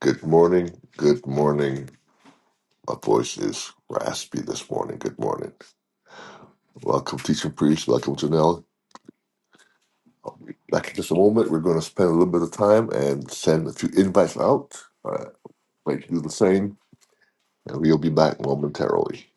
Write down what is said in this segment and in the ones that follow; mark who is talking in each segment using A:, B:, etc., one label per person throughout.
A: Good morning. Good morning. My voice is raspy this morning. Good morning. Welcome, teacher priest. Welcome, Janelle. I'll be back in just a moment. We're going to spend a little bit of time and send a few invites out. Uh, wait to do the same, and we'll be back momentarily.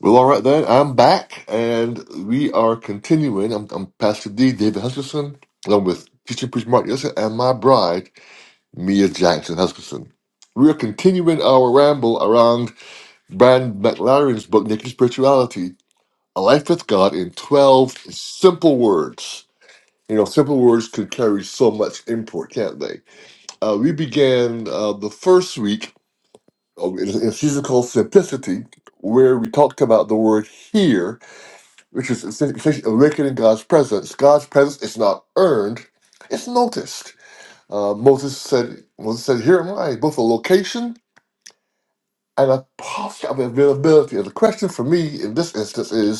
A: Well, all right then. I'm back, and we are continuing. I'm, I'm Pastor D. David Hutchinson, along with teacher priest Mark Yosef and my bride Mia Jackson Hutchinson. We are continuing our ramble around Brian McLaren's book, Naked Spirituality, A Life with God in 12 Simple Words. You know, simple words could carry so much import, can't they? Uh, we began uh, the first week of- in in a season called Simplicity, where we talked about the word here, which is essentially awakening God's presence. God's presence is not earned, it's noticed. Uh, Moses said, Moses said, Here am I, both a location and a posture of availability. And the question for me in this instance is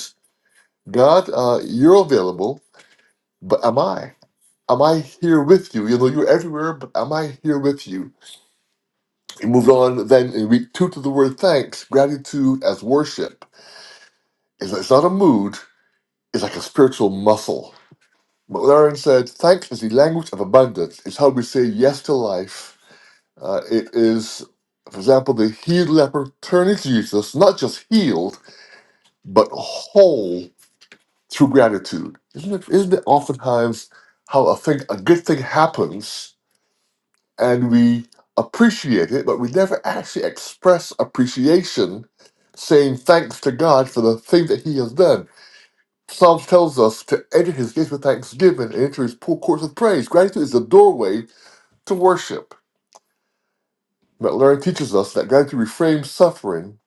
A: God, uh, you're available, but am I? Am I here with you? You know, you're everywhere, but am I here with you? He moved on then in week two to the word thanks, gratitude as worship. It's, it's not a mood, it's like a spiritual muscle. But what Aaron said, thanks is the language of abundance. It's how we say yes to life. Uh, it is, for example, the healed leper turning to Jesus, not just healed, but whole through gratitude. Isn't it, isn't it oftentimes how a thing, a good thing happens and we appreciate it, but we never actually express appreciation, saying thanks to God for the thing that He has done. Psalms tells us to enter His gates with thanksgiving and enter His poor courts with praise. Gratitude is the doorway to worship. McLaren teaches us that gratitude reframes suffering,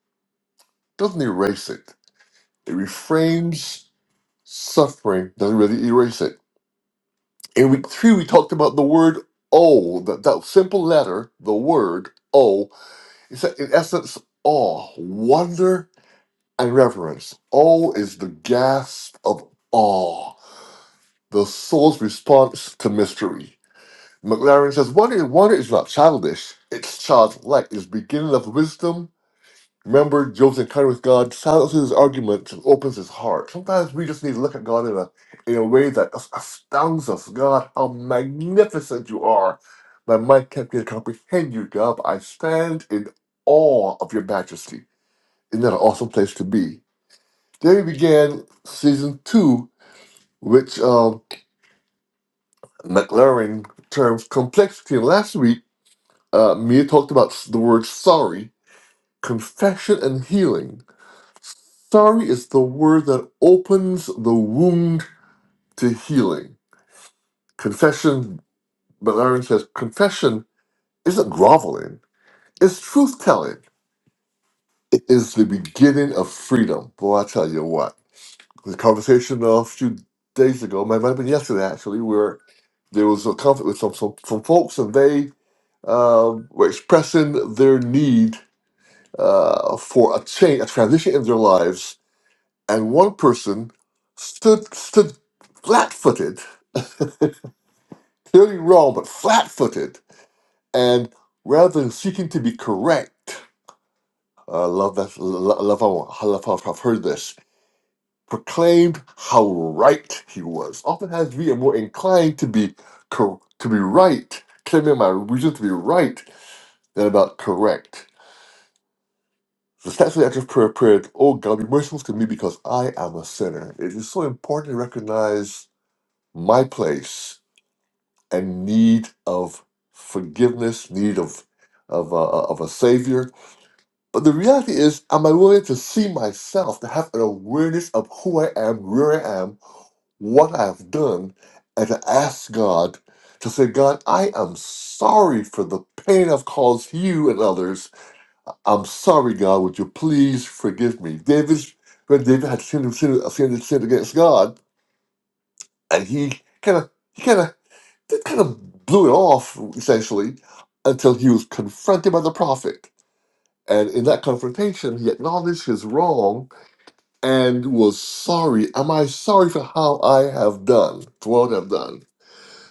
A: doesn't erase it. It reframes suffering, doesn't really erase it. In week three, we talked about the word O, that, that simple letter, the word O. It's in essence awe, wonder, and reverence. O is the gasp of awe, the soul's response to mystery. McLaren says, wonder, wonder is not childish, it's childlike, it's beginning of wisdom Remember Job's encounter with God silences his arguments and opens his heart. Sometimes we just need to look at God in a in a way that as- astounds us. God, how magnificent you are. My mind can't begin to comprehend you, God, but I stand in awe of your majesty. Isn't that an awesome place to be? Then we began season two, which um, McLaren terms complexity. And Last week, uh, Mia talked about the word sorry, confession, and healing. Sorry is the word that opens the wound to healing. Confession, Belarian says, confession isn't groveling, it's truth telling. It is the beginning of freedom. Boy, I tell you what, the conversation a few days ago, might might have been yesterday actually, where there was a conflict with some, some, some folks and they uh, were expressing their need uh, for a change, a transition in their lives. And one person stood, stood flat footed clearly wrong, but flat-footed. And rather than seeking to be correct, I love that. lo- Love how I love how I've heard this. Proclaimed how right he was. Often has we are more inclined to be cor- to be right, claiming my reason to be right than about correct. The statue after prayer prayer, oh God, be merciful to me because I am a sinner. It is so important to recognize my place and need of forgiveness, need of of a, of a savior. But the reality is, am I willing to see myself, to have an awareness of who I am, where I am, what I've done, and to ask God to say, God, I am sorry for the pain I've caused you and others. I'm sorry, God. Would you please forgive me? David's when David had sinned, sinned, sinned, sinned against God, and he kind of. he kind of that kind of blew it off essentially until he was confronted by the prophet. And in that confrontation, he acknowledged his wrong and was sorry. Am I sorry for how I have done, for what I've done?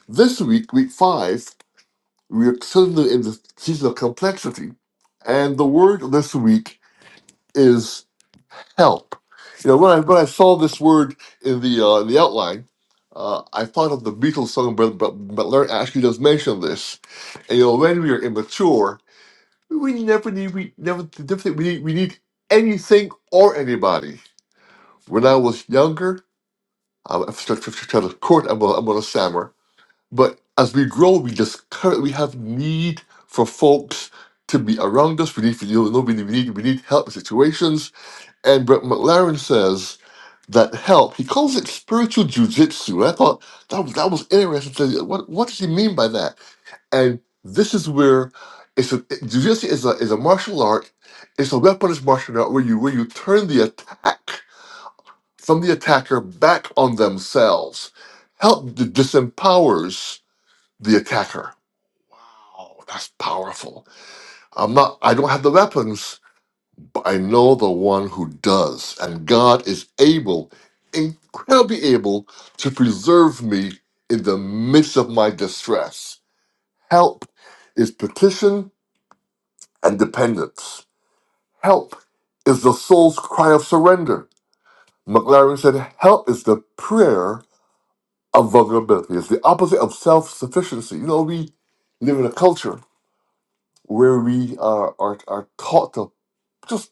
A: This week, week five, we're still in the in the season of complexity. And the word this week is help. You know, when I when I saw this word in the uh, in the outline, uh, I thought of the Beatles song, but but but Larry actually does mention this. And, you know, when we are immature, we never need we never never think we need we need anything or anybody. When I was younger, I'm a court. I'm a, I'm a stammer. But as we grow, we just currently have need for folks to be around us. We need, you know, we need, we need, we need help in situations. And Brett McLaren says that help. He calls it spiritual jujitsu. I thought that was that was interesting. So What what does he mean by that? And this is where it's a jujitsu is a is a martial art. It's a weaponized martial art where you where you turn the attack from the attacker back on themselves. Help d- disempowers the attacker. Wow, that's powerful. I'm not. I don't have the weapons, I know the one who does, and God is able, incredibly able, to preserve me in the midst of my distress. Help is petition and dependence. Help is the soul's cry of surrender. McLaren said, Help is the prayer of vulnerability. It's the opposite of self sufficiency. You know, we live in a culture where we are, are, are taught to just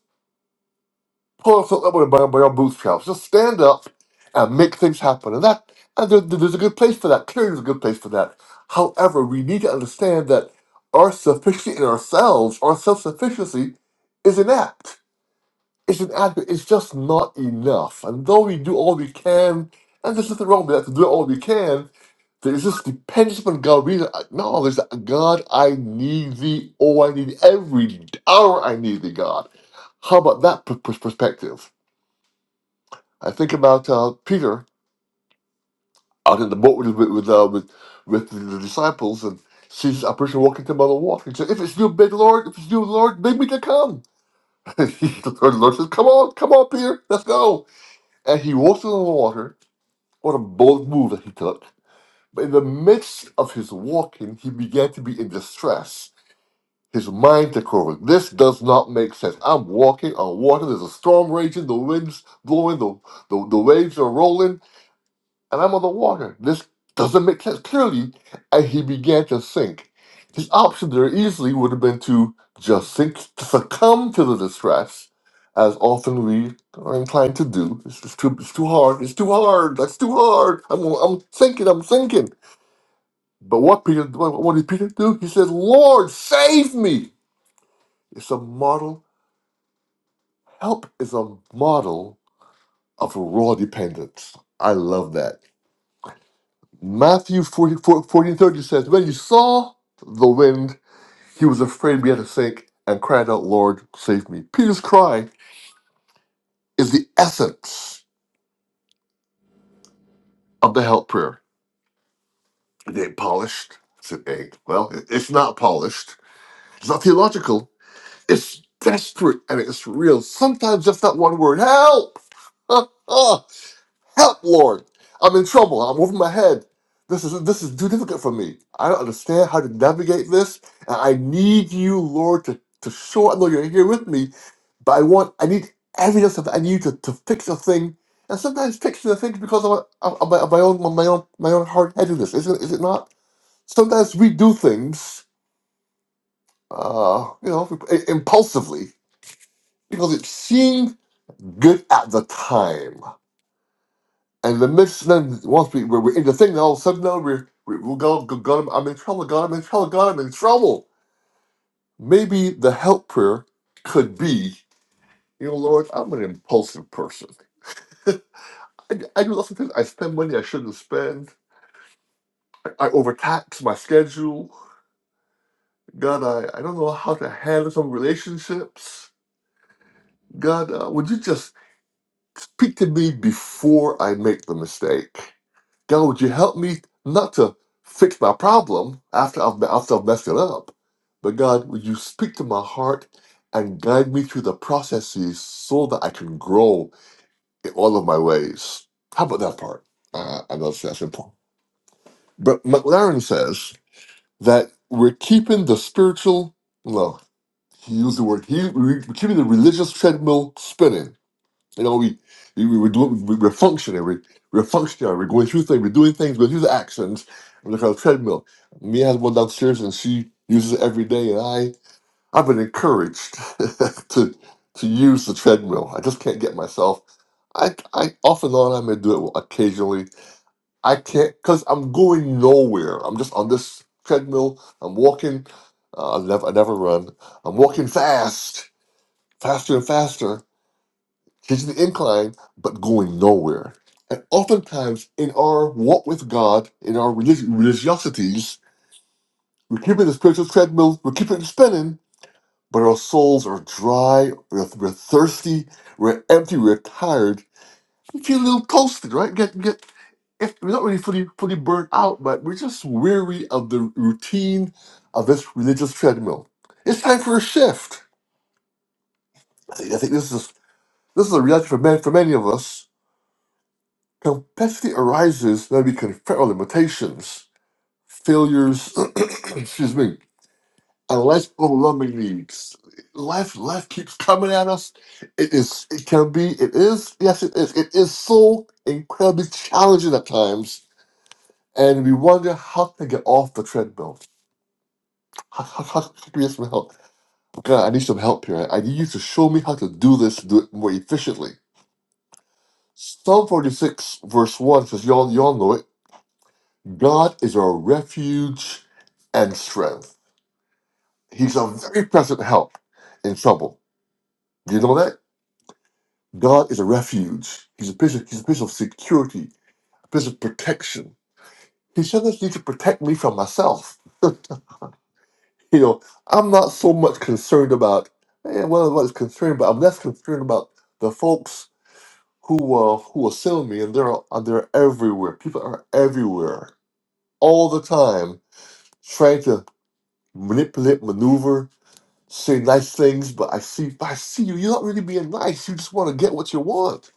A: pull yourself up by, by, your bootstraps. Just stand up and make things happen. And that and there, there's a good place for that. Clearly, there's a good place for that. However, we need to understand that our sufficiency in ourselves, our self sufficiency, is inapt. It's inadequate. It's just not enough. And though we do all we can, and there's nothing wrong with that, to do all we can, there is this dependence upon God. We acknowledge that God, I need thee. Oh, I need every hour. I need thee, God. How about that p- p- perspective? I think about uh, Peter out in the boat with with, uh, with with the disciples and sees a person walking to him on the water. He said, "If it's you, big Lord, if it's you, Lord, make me to come." And the Lord Lord says, "Come on, come on, Peter, let's go." And he walks on the water. What a bold move that he took! But in the midst of his walking, he began to be in distress. His mind took over. This does not make sense. I'm walking on water. There's a storm raging. The wind's blowing. The, the, the waves are rolling and I'm on the water. This doesn't make sense. Clearly, and he began to sink. His option there easily would have been to just sink, to succumb to the distress, as often we are inclined to do. It's, just too, it's too hard. It's too hard. That's too hard. I'm, I'm sinking. I'm sinking. But what Peter? What, what did Peter do? He said, "Lord, save me." It's a model. Help is a model of raw dependence. I love that Matthew 14 30 says, When he saw the wind, he was afraid we had to sink and cried out, Lord, save me. Peter's cry is the essence of the help prayer. It ain't polished. It's an ain't. Well, it- it's not polished. It's not theological. It's desperate and it's real. Sometimes just that one word, help! Help, Lord! I'm in trouble. I'm over my head. This is this is too difficult for me. I don't understand how to navigate this, and I need you, Lord, to to show. I know you're here with me, but I want I need evidence of I need to, to fix a thing, and sometimes fixing a thing is because of, of, of my, of my own my own my own hard headedness. Is it is it not? Sometimes we do things, uh, you know, impulsively because it seemed good at the time. And the midst, then once we were in the thing, all of a sudden, now we're, we we God, God, God, I'm in trouble, God, I'm in trouble, God, I'm in trouble. Maybe the help prayer could be, you know, Lord, I'm an impulsive person. I, I do lots of things. I spend money I shouldn't spend. I, I overtax my schedule. God, I, I don't know how to handle some relationships. God, uh, would you just speak to me before I make the mistake? God, would you help me not to fix my problem after I've, after I've messed it up? But God, would you speak to my heart and guide me through the processes so that I can grow in all of my ways? How about that part? Uh, I know that's, that's important. But McLaren says that we're keeping the spiritual, no, he used the word, he, we're keeping the religious treadmill spinning you know, we we, we, we do, we we're functioning, we, we're functioning, we're going through things, we're doing things, going through the actions. I'm like on a treadmill. Mia has one downstairs and she uses it every day, and I I've been encouraged to to use the treadmill. I just can't get myself. I I off and on I may do it occasionally. I can't because I'm going nowhere. I'm just on this treadmill. I'm walking. Uh, I never I never run. I'm walking fast, faster and faster Church the incline, but going nowhere. And oftentimes, in our walk with God, in our relig- religiosities, we're keeping the spiritual treadmill, we're keeping it spinning, but our souls are dry, we're, we're thirsty, we're empty, we're tired. We feel a little toasted, right? Get, get, if we're not really fully, fully burnt out, but we're just weary of the routine of this religious treadmill. It's time for a shift. I think, I think this is this is a reality for many, for many of us Complexity arises when we confront our limitations, failures, excuse me, and life's overwhelming needs. Life, life keeps coming at us. It is, it can be, it is, yes, it is. It is so incredibly challenging at times, and we wonder how to get off the treadmill. How, how, how can we get some help? God, I need some help here. I need you to show me how to do this, do it more efficiently. Psalm 46, verse 1 says, y'all, y'all know it. God is our refuge and strength. He's a very present help in trouble. Do you know that? God is a refuge. He's a place of, he's a place of security, a place of protection. He sometimes needs to protect me from myself. You know, I'm not so much concerned about, eh, well, what is concerned but I'm less concerned about the folks who uh, who will sell me, and they're, and they're everywhere. People are everywhere all the time trying to manipulate, maneuver, say nice things, but I see I see you. You're not really being nice. You just want to get what you want.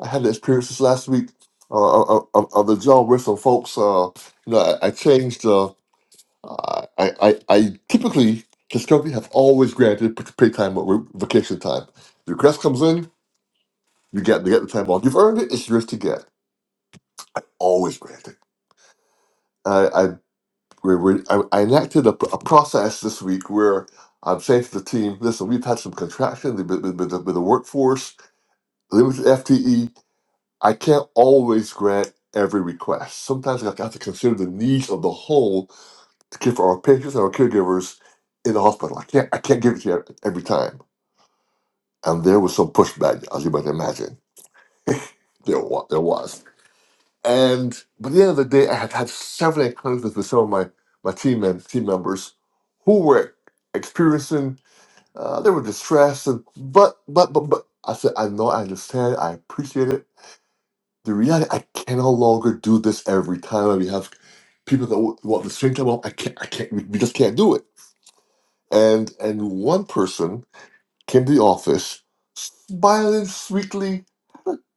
A: I had an experience this last week uh, on on of the John whistle, folks. Uh, you know, I, I changed. Uh, I, I I typically Discovery have always granted p- pay time or vacation time. The request comes in, you get you get the time off. You've earned it. It's yours to get. Always granted. I I we we I, I enacted a, a process this week where I'm saying to the team, listen, we've had some contraction with, with, with the with the workforce limited FTE, I can't always grant every request. Sometimes I have to consider the needs of the whole to care for our patients and our caregivers in the hospital. I can't I can't give it to you every time. And there was some pushback, as you might imagine. There was, there was. And but at the end of the day, I had had several encounters with some of my, my team and team members who were experiencing uh, they were distressed and but but but but I said I know I understand I appreciate it the reality I can no longer do this every time. we have people that w- well the same time. Well, I can't. I can't. We we just can't do it. And and one person came to the office, smiling sweetly,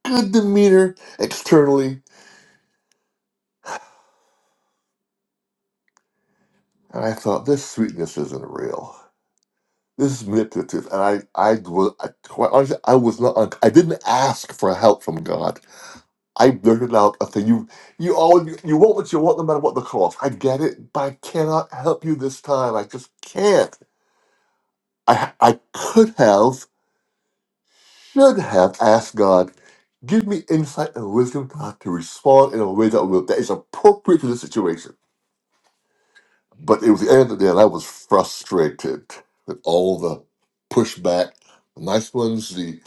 A: good demeanor externally, and I thought this sweetness isn't real. This is manipulative. And I I was I, quite honestly I was not. un- I didn't ask for help from God. I blurted out a thing. You you always you you want what you want no matter what the cost. I get it, but I cannot help you this time. I just can't. I, I could have, should have asked God, give me insight and wisdom to how to respond in a way that will that is appropriate to the situation. But it was the end of the day, and I was frustrated with all the pushback, the nice ones, the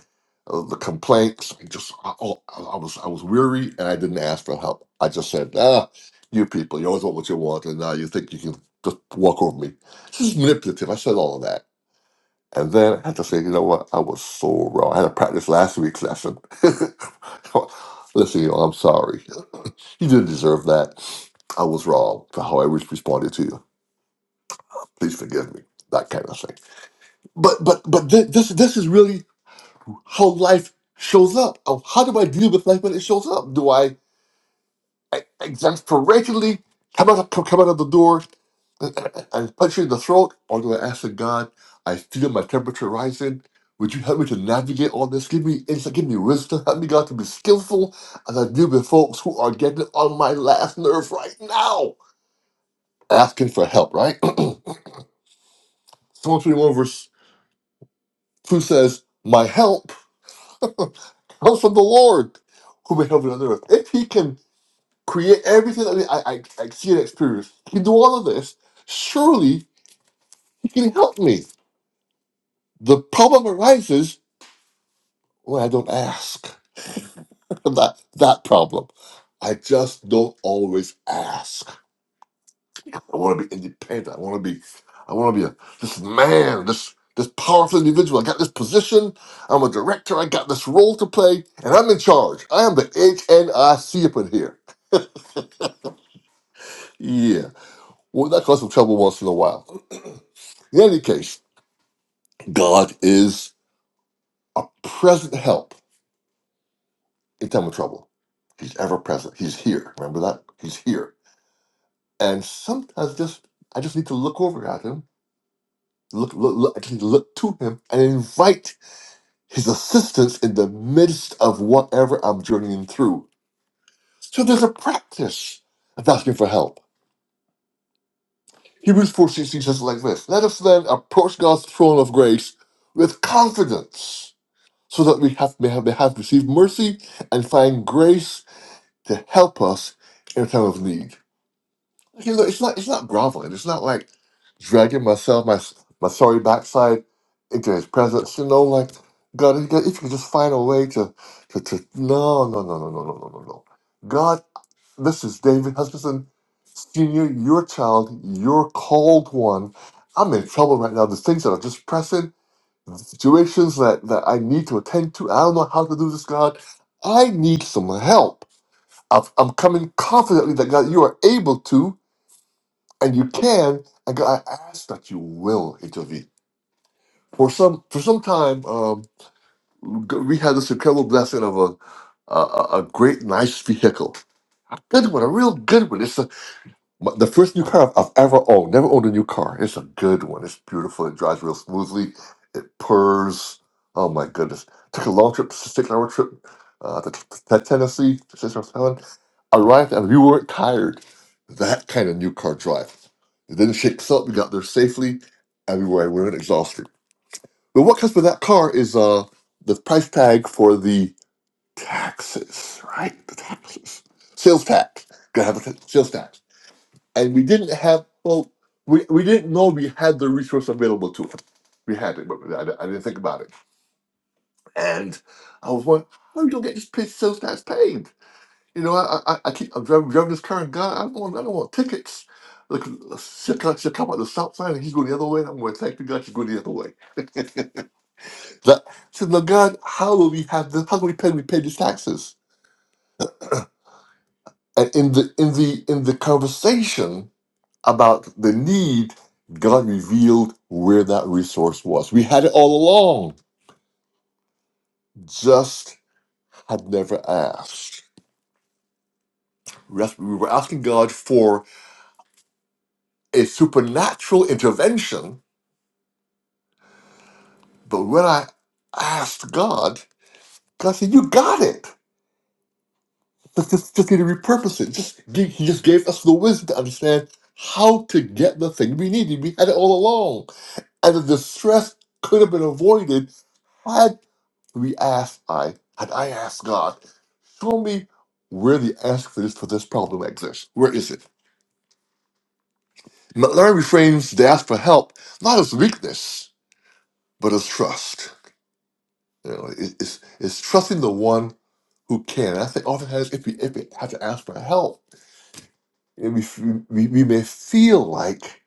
A: uh, the complaints. I just, I, I I was, I was weary, and I didn't ask for help. I just said, ah, you people, you always want what you want, and now you think you can just walk over me. This is manipulative. I said all of that. And then I had to say, you know what? I was so wrong. I had to practice last week's lesson. Listen, you I'm sorry. You didn't deserve that. I was wrong for how I re- responded to you. Please forgive me. That kind of thing. But but but thi- this this is really how life shows up. Of How do I deal with life when it shows up? Do I, I exasperately come out of, come out of the door? and punch you in the throat, or I'm going to ask the God, I feel my temperature rising. Would you help me to navigate all this? Give me insight, give me wisdom. Help me, God, to be skillful as I deal with folks who are getting on my last nerve right now, asking for help, right? Psalm 21, verse 2 says, My help comes from the Lord who made heaven and earth. If he can create everything that I, I, I see and experience, he can do all of this, surely he can help me. The problem arises Well, I don't ask. that that problem. I just don't always ask. I want to be independent. I want to be. I want to be a this man. This this powerful individual. I got this position. I'm a director. I got this role to play, and I'm in charge. I am the HNIC up in here. Yeah. Well, that causes some trouble once in a while. in any case, God is a present help in time of trouble. He's ever present. He's here. Remember that? He's here. And sometimes just I just need to look over at him, look, look, look I just need to look to him and invite his assistance in the midst of whatever I'm journeying through. So there's a practice of asking for help. Hebrews 4.16 says it like this, Let us then approach God's throne of grace with confidence, so that we have, may, have, may have received mercy and find grace to help us in a time of need. You know, it's not it's not groveling. It's not like dragging myself, my my sorry backside into his presence. You know, like God, if you could if you could just find a way to to, to no no no no no no no no no. God, this is David Hutchinson Senior, your child, your called one. I'm in trouble right now. The things that are just pressing, the situations that, that I need to attend to. I don't know how to do this, God. I need some help. I've, I'm coming confidently that God, you are able to and you can and God, i ask that you will intervene for some for some time um we had this incredible blessing of a a, a a great nice vehicle good one a real good one It's a. My- The first new car I've ever owned, never owned a new car. It's a good one. It's beautiful. It drives real smoothly. It purrs. Oh my goodness. Took a long trip, six hour trip uh, to, to Tennessee, to Sister Helen. Arrived and we weren't tired. That kind of new car drive. It didn't shake us up. We got there safely and we were- we weren't exhausted. But what comes with that car is uh, the price tag for the taxes, right? The taxes. Sales tax. Gotta have a t- sales tax and we didn't have well we, we didn't know we had the resource available to us we had it but I, I didn't think about it and i was wondering how you don't get this paid sales tax paid you know i i, I keep i'm driving, driving this car and god i don't want i don't want tickets Look, she'll come, she'll come out the south side and he's going the other way. and I'm going, thank you, God, she's going the other way. that, so, now, God, how do we have this? How do we pay? We pay these taxes. And in the in the in the conversation, about the need, God revealed where that resource was. We had it all along, just had never asked. We asked- we were asking God for a supernatural intervention, but when I asked God, God said, You got it. Just, just, just need to repurpose it. Just give, He just gave us the wisdom to understand how to get the thing we needed. We had it all along. And the distress could have been avoided we asked I had I asked God, show me where the answer for this for this problem exists. Where is it? But reframes the ask for help not as weakness, but as trust. You know, it- it's it's trusting the one who can. And I think oftentimes if we if we have to ask for help, it- we we, we may feel like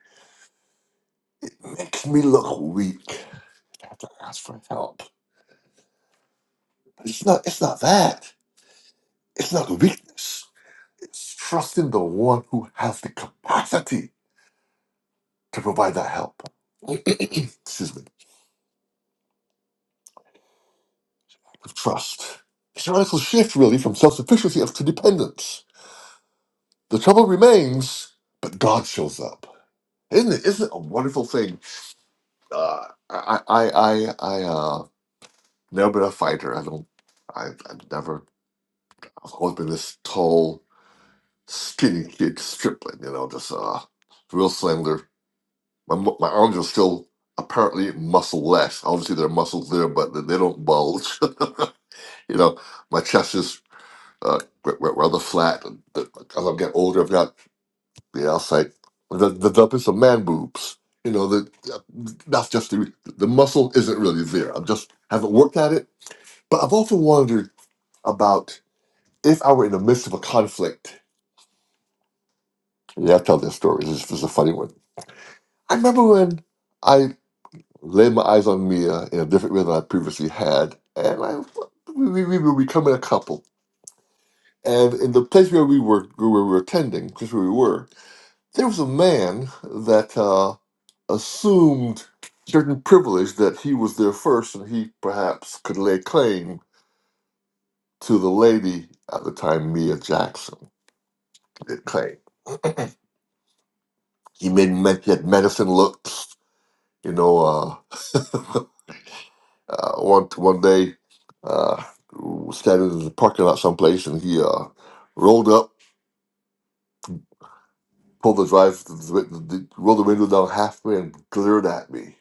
A: it makes me look weak to have to ask for help. But it's not it's not that. It's not weakness. It's trusting the one who has the capacity to provide that help. Excuse me. Of trust. It's a radical shift, really, from self sufficiency to dependence. The trouble remains, but God shows up. Isn't it? Isn't it a wonderful thing? Uh, I, I, I, I, uh, never been a fighter. I don't. I, I've never. I've always been this tall, skinny kid, stripling. You know, just uh, real slender. My mu- my arms are still apparently muscle less. Obviously, there are muscles there, but they they don't bulge. you know, my chest is uh, r- r- rather flat. the- As I'm getting older, I've got the outside the the developing some man boobs. You know, the, that's just the the muscle isn't really there. I'm just haven't worked at it. But I've often wondered about if I were in the midst of a conflict. Yeah, I tell this story. This is, this is a funny one. I remember when I laid my eyes on Mia in a different way than I previously had, and I we, we, we were becoming a couple. And in the place where we were, where we were attending, just where we were, There was a man that uh, assumed certain privilege that he was there first and he perhaps could lay claim to the lady at the time, Mia Jackson, did claim. he made me- he had medicine looks, you know. Uh, uh, one one day, uh, was standing in the parking lot someplace, and he uh, rolled up, pulled the drive, the, the, the, rolled the window down halfway, and glared at me.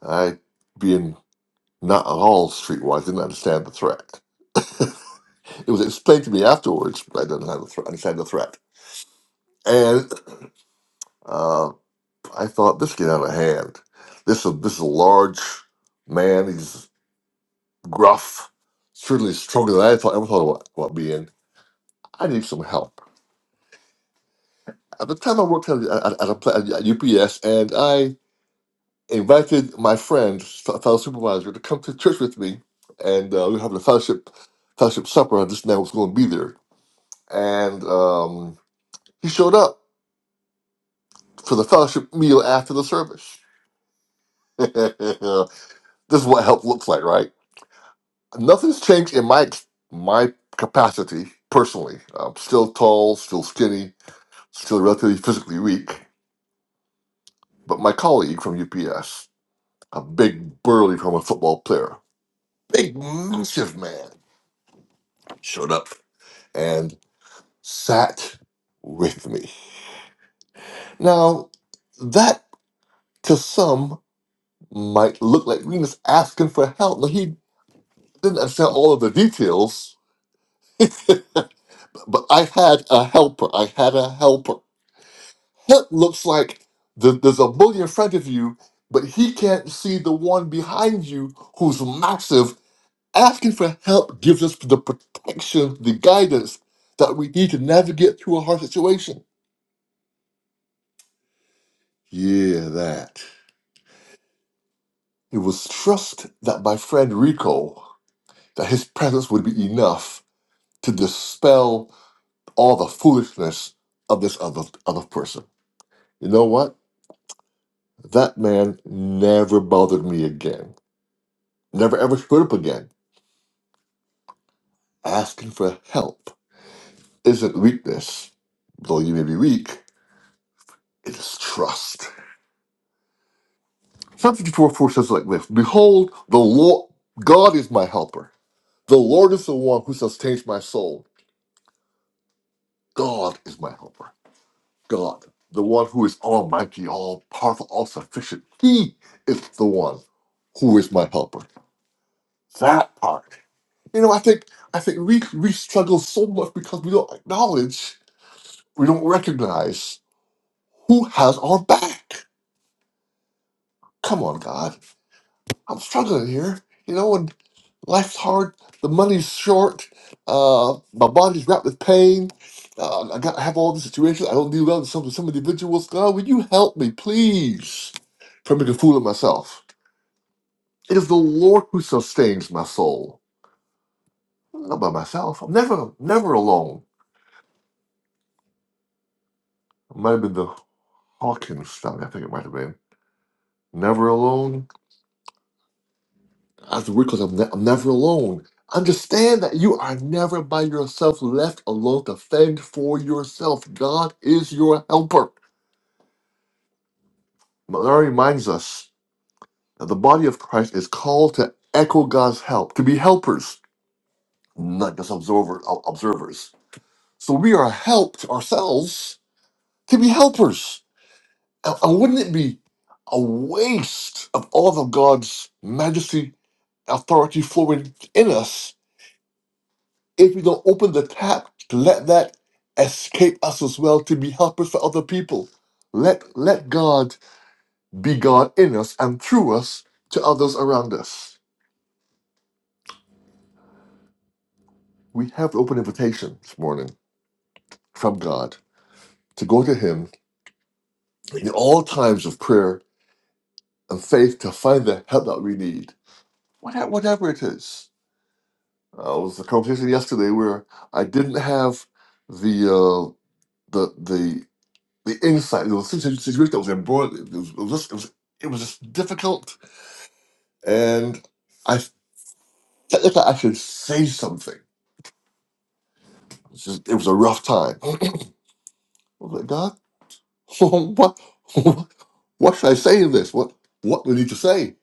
A: I, being Not at all streetwise. Didn't understand the threat. it was explained to me afterwards, but I didn't have the thre- understand the threat. And uh, I thought this is getting out of hand. This is this is a large man. He's gruff, certainly stronger than I thought ever thought about, about being. I need some help. At the time, I worked at, at, at, a, pla- at UPS, and I invited my friend, f- fellow supervisor, to come to church with me, and uh, we were having a fellowship fellowship supper. I just now was going to be there, and. um, He showed up for the fellowship meal after the service. this is what help looks like, right? Nothing's changed in my my capacity personally. I'm still tall, still skinny, still relatively physically weak. But my colleague from UPS, a big burly former football player, big massive man, showed up and sat with me. Now that to some might look like Remus asking for help. No, he didn't understand all of the details, but I had a helper. I had a helper. It looks like th- there's a bully in front of you, but he can't see the one behind you who's massive. Asking for help gives us the protection, the guidance that we need to navigate through a hard situation. Yeah, that. It was trust that my friend Rico, that his presence would be enough to dispel all the foolishness of this other other person. You know what? That man never bothered me again. Never ever screwed up again. Asking for help isn't weakness. Though you may be weak, it is trust. Psalm 54 4 says like this Behold, the Lord God is my helper. The Lord is the one who sustains my soul. God is my helper. God, the one who is almighty, all powerful, all sufficient. He is the one who is my helper. That part. You know, I think I think we we struggle so much because we don't acknowledge, we don't recognize who has our back. Come on, God, I'm struggling here. You know, and life's hard. The money's short. Uh, my body's wrapped with pain. Uh, I got to have all the situations. I don't do well with some some individuals. God, would you help me, please, from making a fool of myself? It is the Lord who sustains my soul. not by myself. I'm never never alone. I Might have been the. Hawkins song, I think it might have been. Never alone. That's weird because I'm, ne- I'm never alone. Understand that you are never by yourself, left alone to fend for yourself. God is your helper. Malari reminds us that the body of Christ is called to echo God's help, to be helpers, not just observer, ob- observers. So we are helped ourselves to be helpers. and and wouldn't it be a waste of all of God's majesty authority flowing in us if we don't open the tap to let that escape us as well to be helpers for other people. Let let God be God in us and through us to others around us. We have the open invitation this morning from God to go to Him in all times of prayer and faith to find the help that we need, whatever, whatever it is. Uh, it was a conversation yesterday where I didn't have the uh, the the the insight. It was a situ- situation that was embroiled. It was, it was just, it was, it was just difficult, and I felt like I should say something. It was, just, it was a rough time. I was like, God, what, what what should I say in this? What, what do I need to say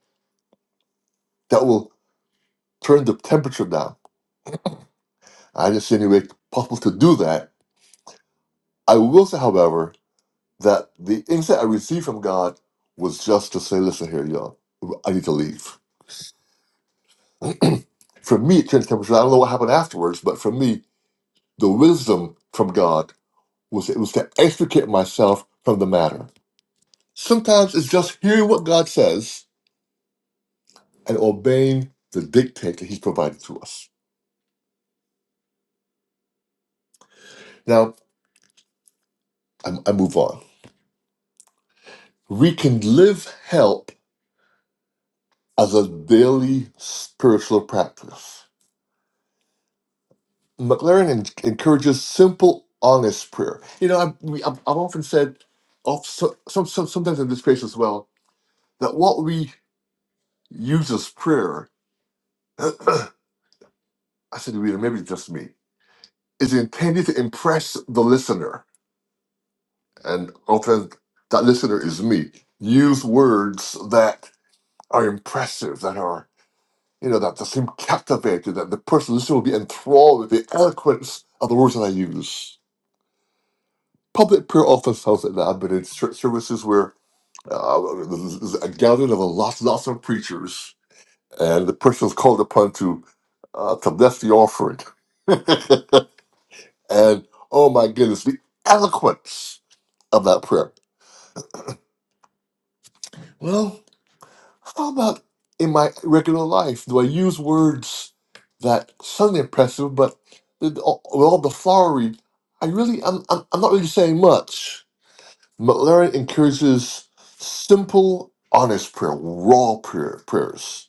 A: that will turn the temperature down? I didn't see any way possible to do that. I will say, however, that the insight I received from God was just to say, listen here, y'all, I need to leave for me, it turned the temperature. I don't know what happened afterwards, but for me, the wisdom from God was it was to extricate myself from the matter. Sometimes it's just hearing what God says and obeying the dictate that He's provided to us. Now I, I move on. We can live help as a daily spiritual practice. McLaren en- encourages simple, honest prayer. You know, I've, we, I've, I've often said, of, so, some, some, sometimes in this space as well, that what we use as prayer, I said, to Rita, maybe it's just me is intended to impress the listener, and often that listener is me. Use words that are impressive, that are you know that, that seem captivating, that the person listening will be enthralled with the eloquence of the words that I use. Public prayer often sounds like that, but in church services where uh, there's a gathering of a lots, lots of preachers, and the person is called upon to uh, to bless the offering, and oh my goodness, the eloquence of that prayer Well, how about in my regular life? Do I use words that sound impressive, but with all with all well, the flowery, I really, I'm, I'm, I'm not really saying much. McLaren encourages simple, honest prayer, raw prayer, prayers.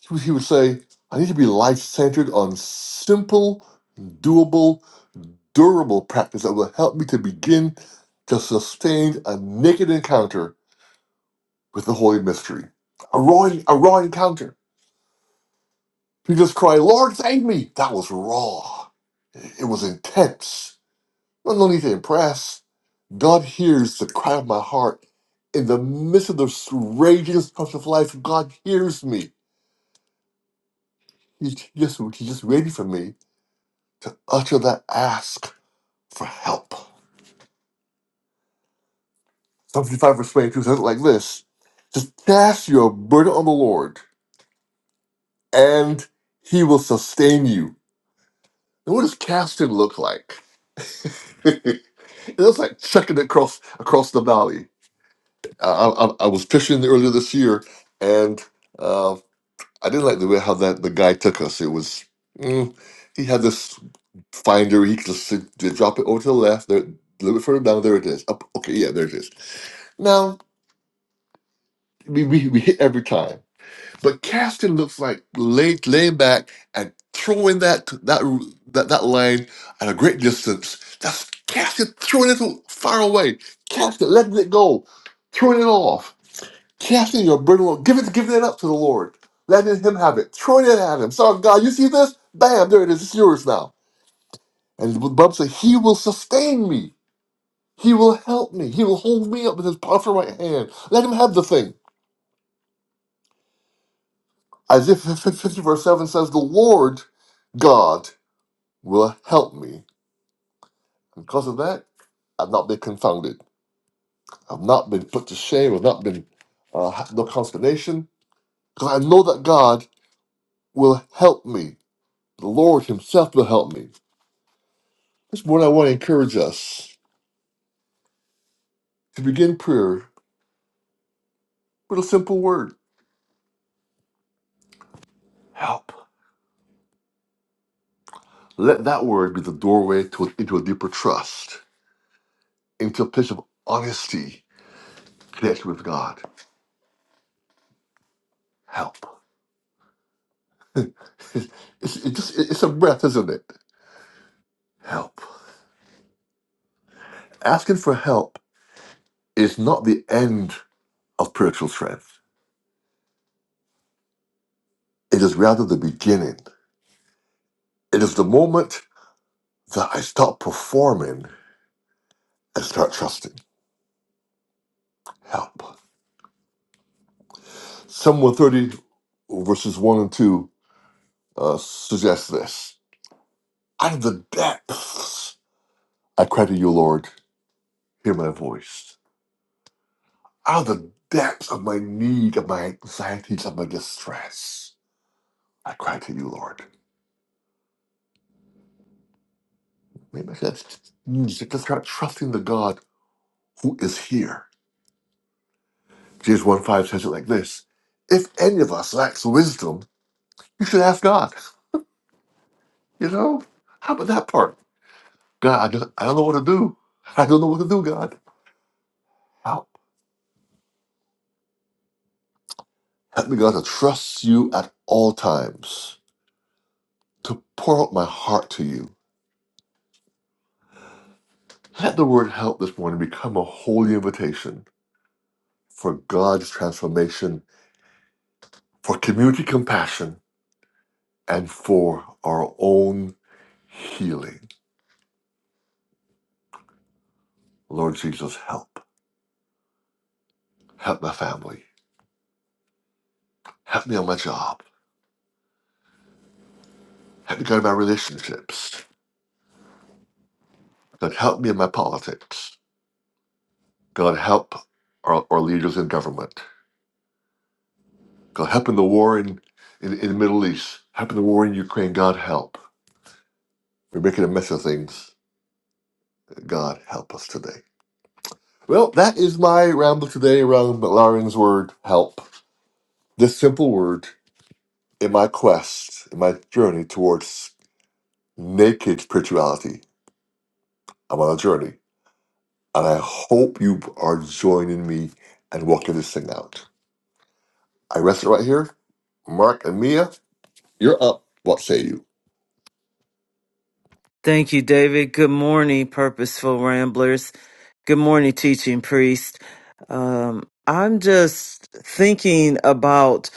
A: He would he would say, I need to be life centered on simple, doable, durable practice that will help me to begin to sustain a naked encounter with the Holy Mystery. A raw, a raw encounter He just cried, Lord, thank me. That was raw. It was intense. There's No need to impress. God hears the cry of my heart. In the midst of the raging storms of life, God hears me. He's just, he's just waiting for me to utter that ask for help. Psalm 55 verse 22 says it like this. Just cast your burden on the Lord, and he will sustain you. Now, what does casting look like? It was like checking it across across the valley. I, I, I was fishing earlier this year, and uh, I didn't like the way how that the guy took us. It was mm, he had this finder. He could just sit- drop it over to the left. There, a little bit further down. There it is. Up, okay, yeah, there it is. Now we, we, we hit every time. But casting looks like lay, laying back and throwing that that that, that line at a great distance. That's casting, throwing it far away, casting, letting it go, throwing it off, casting your burden, off, giving it, giving it up to the Lord, letting Him have it, throwing it at Him. Sorry, God, you see this? Bam, there it is. It's yours now. And the Bible says He will sustain me. He will help me. He will hold me up with His powerful right hand. Let Him have the thing. Isaiah 50 verse 7 says, The Lord God. will help me. And because of that, I've not been confounded. I've not been put to shame. I've not been, uh, ha- no consternation. Because I know that God will help me. The Lord Himself will help me. This morning, I want to encourage us to begin prayer with a simple word help. Let that word be the doorway to, into a deeper trust, into a place of honesty, connection with God. Help. it's, it's, just, it's a breath, isn't it? Help. Asking for help is not the end of spiritual strength. It is rather the beginning. It is the moment that I stop performing and start trusting help. Psalm 130, verses 1 and 2 uh, suggests this. Out of the depths, I cry to you, Lord, hear my voice. Out of the depths of my need, of my anxieties, of my distress, I cry to you, Lord. Maybe I should just start trusting the God who is here James 1 5 says it like this If any of us lacks wisdom, you should ask God. You know? How about that part? God, I don't, I don't know what to do. I don't know what to do, God. Help. Help me, God, to trust you at all times, to pour out my heart to you. Let the word help this morning become a holy invitation for God's transformation, for community compassion, and for our own healing. Lord Jesus, help. Help my family. Help me on my job. Help me, God, in my relationships. God, help me in my politics. God, help our, our leaders in government. God, help in the war in, in, in the Middle East. Help in the war in Ukraine. God, help. We're making a mess of things. God, help us today. Well, that is my ramble today around McLaren's word, help. This simple word in my quest, in my journey towards naked spirituality. I'm on a journey, and I hope you are joining me and walking this thing out. I rest it right here. Mark and Mia, you're up. What say you?
B: Thank you, David. Good morning, Purposeful Ramblers. Good morning, Teaching Priest. Um, I'm just thinking about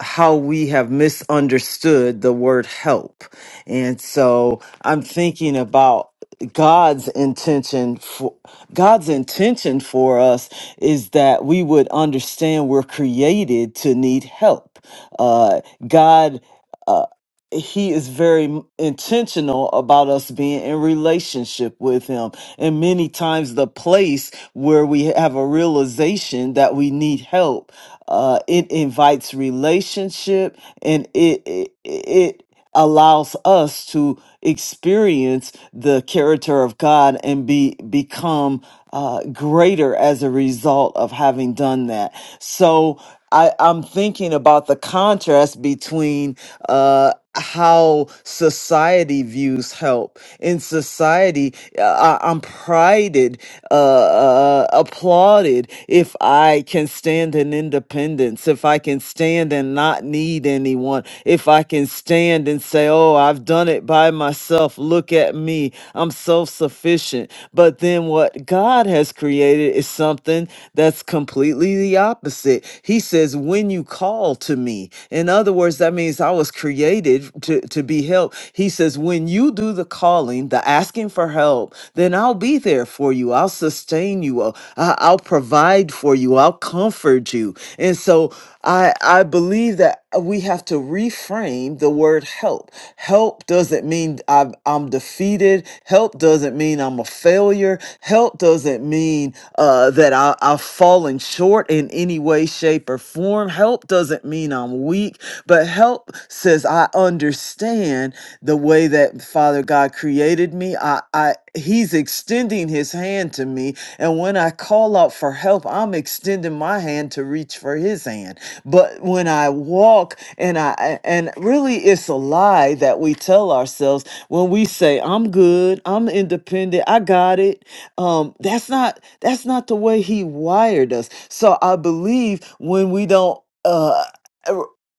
B: how we have misunderstood the word help. And so I'm thinking about God's intention for God's intention for us is that we would understand we're created to need help. Uh, God uh, he is very intentional about us being in relationship with him and many times the place where we have a realization that we need help uh it invites relationship and it it, it allows us to experience the character of God and be become uh, greater as a result of having done that. So I, I'm thinking about the contrast between uh, how society views help. In society, uh, I, I'm prided, uh, uh, applauded if I can stand an independent dependence, if I can stand and not need anyone, if I can stand and say, Oh, I've done it by myself, look at me, I'm self sufficient. But then what God has created is something that's completely the opposite. He says, When you call to me, in other words, that means I was created to, to be helped. He says, When you do the calling, the asking for help, then I'll be there for you you. I'll sustain you. I'll, I- I'll provide for you. I'll comfort you. And so I, I believe that we have to reframe the word help. Help doesn't mean I've, I'm defeated. Help doesn't mean I'm a failure. Help doesn't mean uh, that I, I've fallen short in any way, shape, or form. Help doesn't mean I'm weak, but help says I understand the way that Father God created me. I, I He's extending his hand to me. And when I call out for help, I'm extending my hand to reach for his hand. But when I walk and I, and really it's a lie that we tell ourselves when we say, I'm good, I'm independent, I got it. Um, that's not, that's not the way he wired us. So I believe when we don't, uh,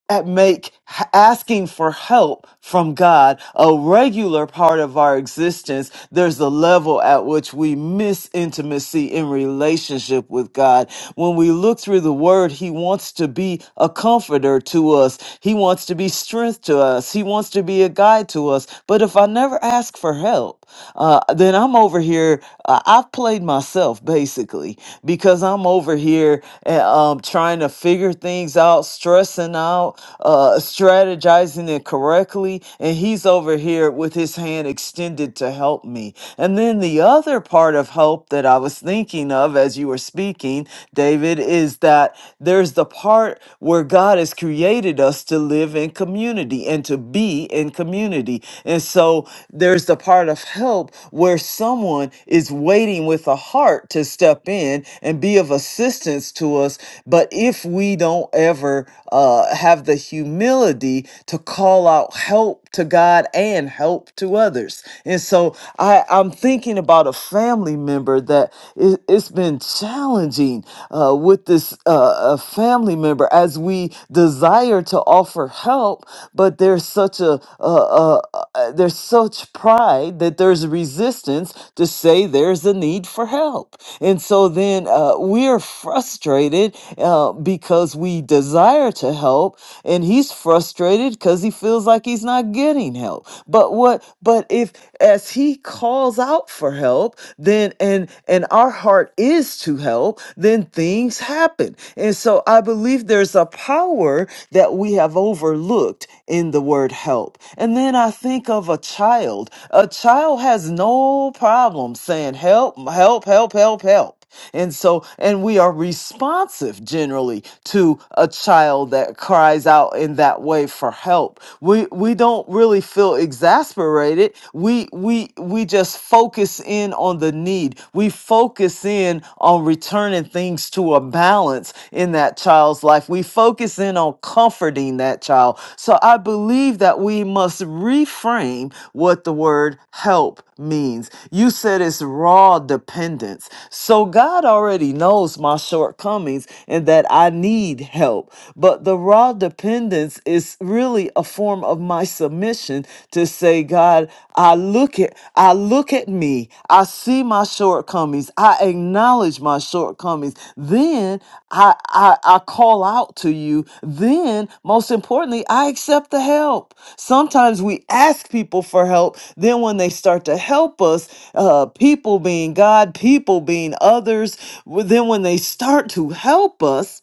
B: at make asking for help from God a regular part of our existence, there's a level at which we miss intimacy in relationship with God. When we look through the word, he wants to be a comforter to us. He wants to be strength to us. He wants to be a guide to us. But if I never ask for help, uh, then I'm over here. Uh, I've played myself basically because I'm over here uh, um, trying to figure things out, stressing out, uh, strategizing it correctly, and he's over here with his hand extended to help me. And then the other part of hope that I was thinking of as you were speaking, David, is that there's the part where God has created us to live in community and to be in community. And so there's the part of help where someone is waiting with a heart to step in and be of assistance to us, but but if we don't ever uh, have the humility to call out help to God and help to others, and so I, I'm thinking about a family member that it, has been challenging uh, with this uh, a family member as we desire to offer help, but there's such a uh, uh, uh, there's such pride that there's resistance to say there's a need for help, and so then uh, we're frustrated uh, because we desire to help, and he's frustrated because he feels like he's not getting help. But what? But if as he calls out for help, then and and our heart is to help, then things happen. And so I believe there's a power that we have overlooked in the word help. And then I think of a child. A child has no problem saying help, help, help, help, help. And so, and we are responsive generally to a child that cries out in that way for help. We we don't really feel exasperated. We we we just focus in on the need. We focus in on returning things to a balance in that child's life. We focus in on comforting that child child. So I believe that we must reframe what the word help means. You said it's raw dependence. So God already knows my shortcomings and that I need help. But the raw dependence is really a form of my submission to say, God, I look at I look at at me. I see my shortcomings. I acknowledge my shortcomings. Then I, I I call out to you. Then, most importantly, I accept the help. Sometimes we ask people for help. Then, when they start to help us, uh, people being God, people being others, well, then when they start to help us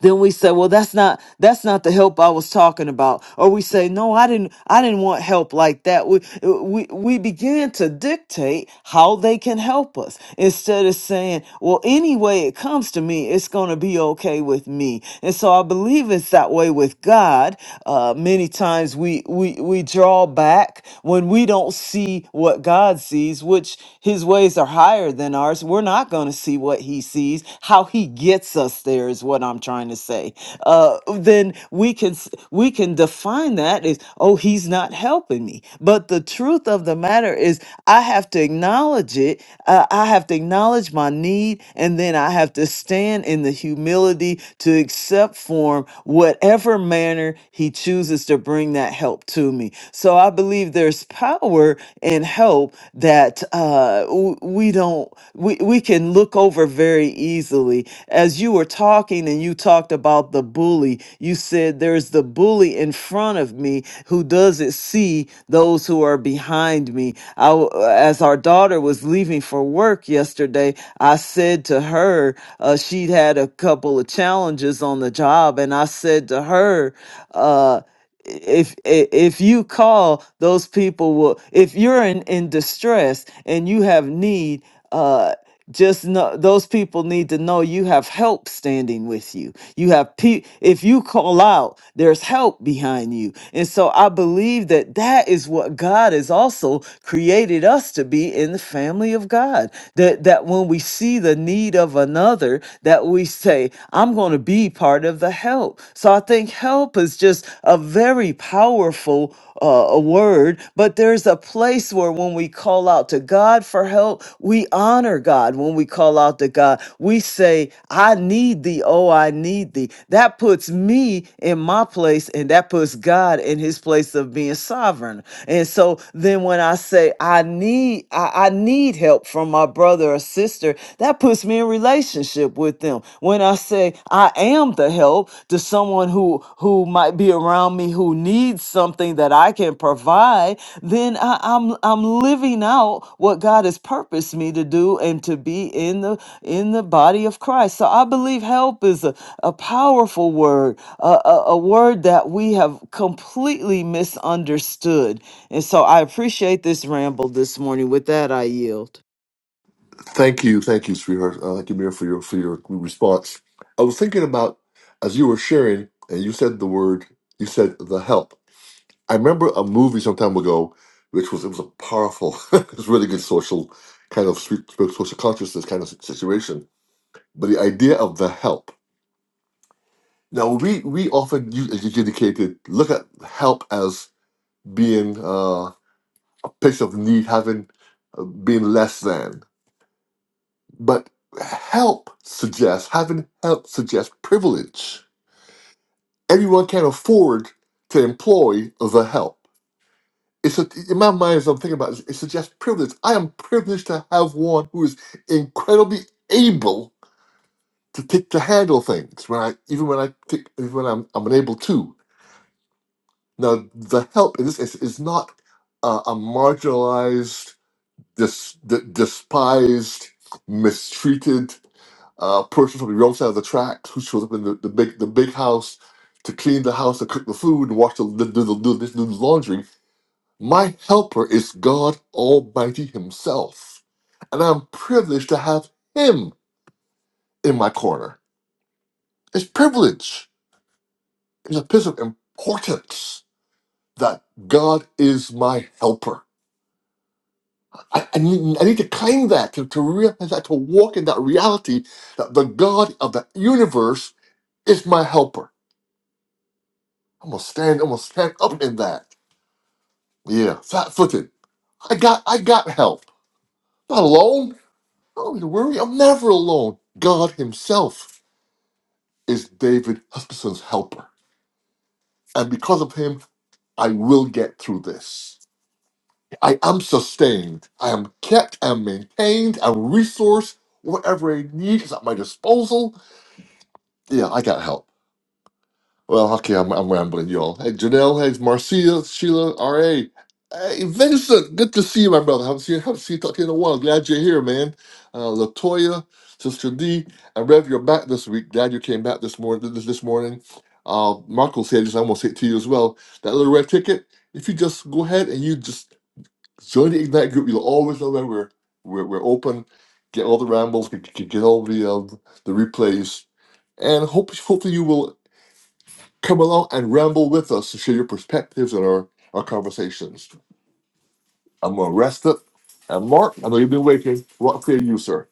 B: then we say, well, that's not that's not the help I was talking about. Or we say, no, I didn't I didn't want help like that. We we we begin to dictate how they can help us instead of saying, well, any way it comes to me, it's gonna be okay with me. And so I believe it's that way with God. Uh, many times we we we draw back when we don't see what God sees, which His ways are higher than ours. We're not gonna see what He sees, how He gets us there is is what I'm trying to say. Uh, then we can s- we can define that as oh he's not helping me. But the truth of the matter is I have to acknowledge it. Uh, I have to acknowledge my need, and then I have to stand in the humility to accept form whatever manner he chooses to bring that help to me. So I believe there's power in help that uh, w- we don't we, we can look over very easily. As you were talking and you talked about the bully, you said there's the bully in front of me who doesn't see those who are behind me. I, w- uh, as our daughter was leaving for work yesterday, I said to her, uh, she'd had a couple of challenges on the job, and I said to her, uh, if i- if you call those people will if you're in in distress and you have need uh just know those people need to know you have help standing with you you have pe- if you call out there's help behind you and so i believe that that is what god has also created us to be in the family of god that that when we see the need of another that we say i'm going to be part of the help help. So I think help is just a very powerful uh, a word, but there's a place where when we call out to God for help, we honor God. When we call out to God, we say, I need thee, oh, I need thee. That puts me in my place and that puts God in his place of being sovereign. And so so then when I say I need I, I need help from my brother or sister, that puts me in relationship with them. When I say I am the help to someone who who might be around me who needs something that I can provide, then I, I'm I'm living out what God has purposed me to do and to be in the in the body of Christ. So I believe help is a, a powerful word, a, a, a word that we have completely misunderstood and so I appreciate this ramble this morning. With that, I yield.
A: Thank you, thank you, sweetheart. Uh, thank you, Mia, for your for your response. I was thinking about as you were sharing, and you said the word, you said the help. I remember a movie some time ago, which was it was a powerful, it was really good social kind of sweet social consciousness kind of situation. But the idea of the help. Now we we often use, as you indicated, look at help as being uh, a place of need, having uh, being less than. But help suggests, having help suggests privilege. Everyone can afford to employ the help. It's a, in my mind, as I'm thinking about it, it suggests privilege. I am privileged to have one who is incredibly able to take to handle things when I, even when I take, even when I'm, I'm unable to. Now, the help in this case is not uh, a marginalized, dis, d- despised, mistreated A person from the wrong side of the tracks who shows up in the, the big the big house to clean the house to cook the food and wash the do the, do the, do the laundry. My helper is God Almighty Himself, and I'm privileged to have Him in my corner. It's privilege. It's a piece of importance that God is my helper. I, I, need, I need to claim that to, to realize that to walk in that reality that the God of the universe is my helper. I'm gonna stand. I'm gonna stand up in that. Yeah, flat-footed. I got. I got help. Not alone. I don't need to worry. I'm never alone. God Himself is David Huskisson's helper, and because of Him, I will get through this. I am sustained. I am kept. I'm maintained. I'm resourced. Whatever I need is at my disposal. Yeah, I got help. Well, okay, I'm, I'm rambling, y'all. Hey, Janelle, hey, Marcia, Sheila, R.A. Hey, Vincent, good to see you, my brother. Haven't seen, haven't seen you talk to you in a while. Glad you're here, man. Uh, Latoya, Sister D, and Rev, you're back this week. Glad you came back this morning. This, this morning. Uh, Marco said this, I'm going to say it to you as well. That little red ticket, if you just go ahead and you just join the Ignite group, you'll always know when we're, we're, we're open. Get all the rambles, get, get get all the, uh, the replays, and hope, hopefully you will Come along and ramble with us to share your perspectives and our, our conversations. I'm gonna rest it. And Mark, I know you've been waiting. Rock for you, sir.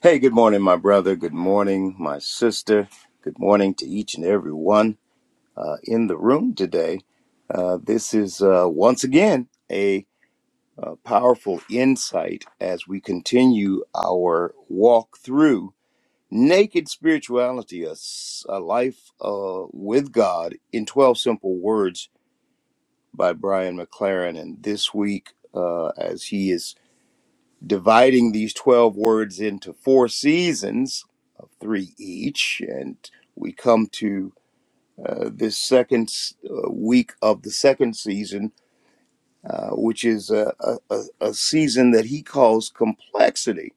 C: Hey, good morning, my brother. Good morning, my sister. Good morning to each and every one uh, in the room today. Uh, this is uh, once again a, uh powerful insight as we continue our walk through naked spirituality, a, s- a life uh, with God in 12 Simple Words by Brian McLaren. And this week, uh, as he is dividing these 12 words into four seasons of three each. And we come to uh, this second s- uh, week of the second season, uh, which is a, a, a a season that he calls complexity.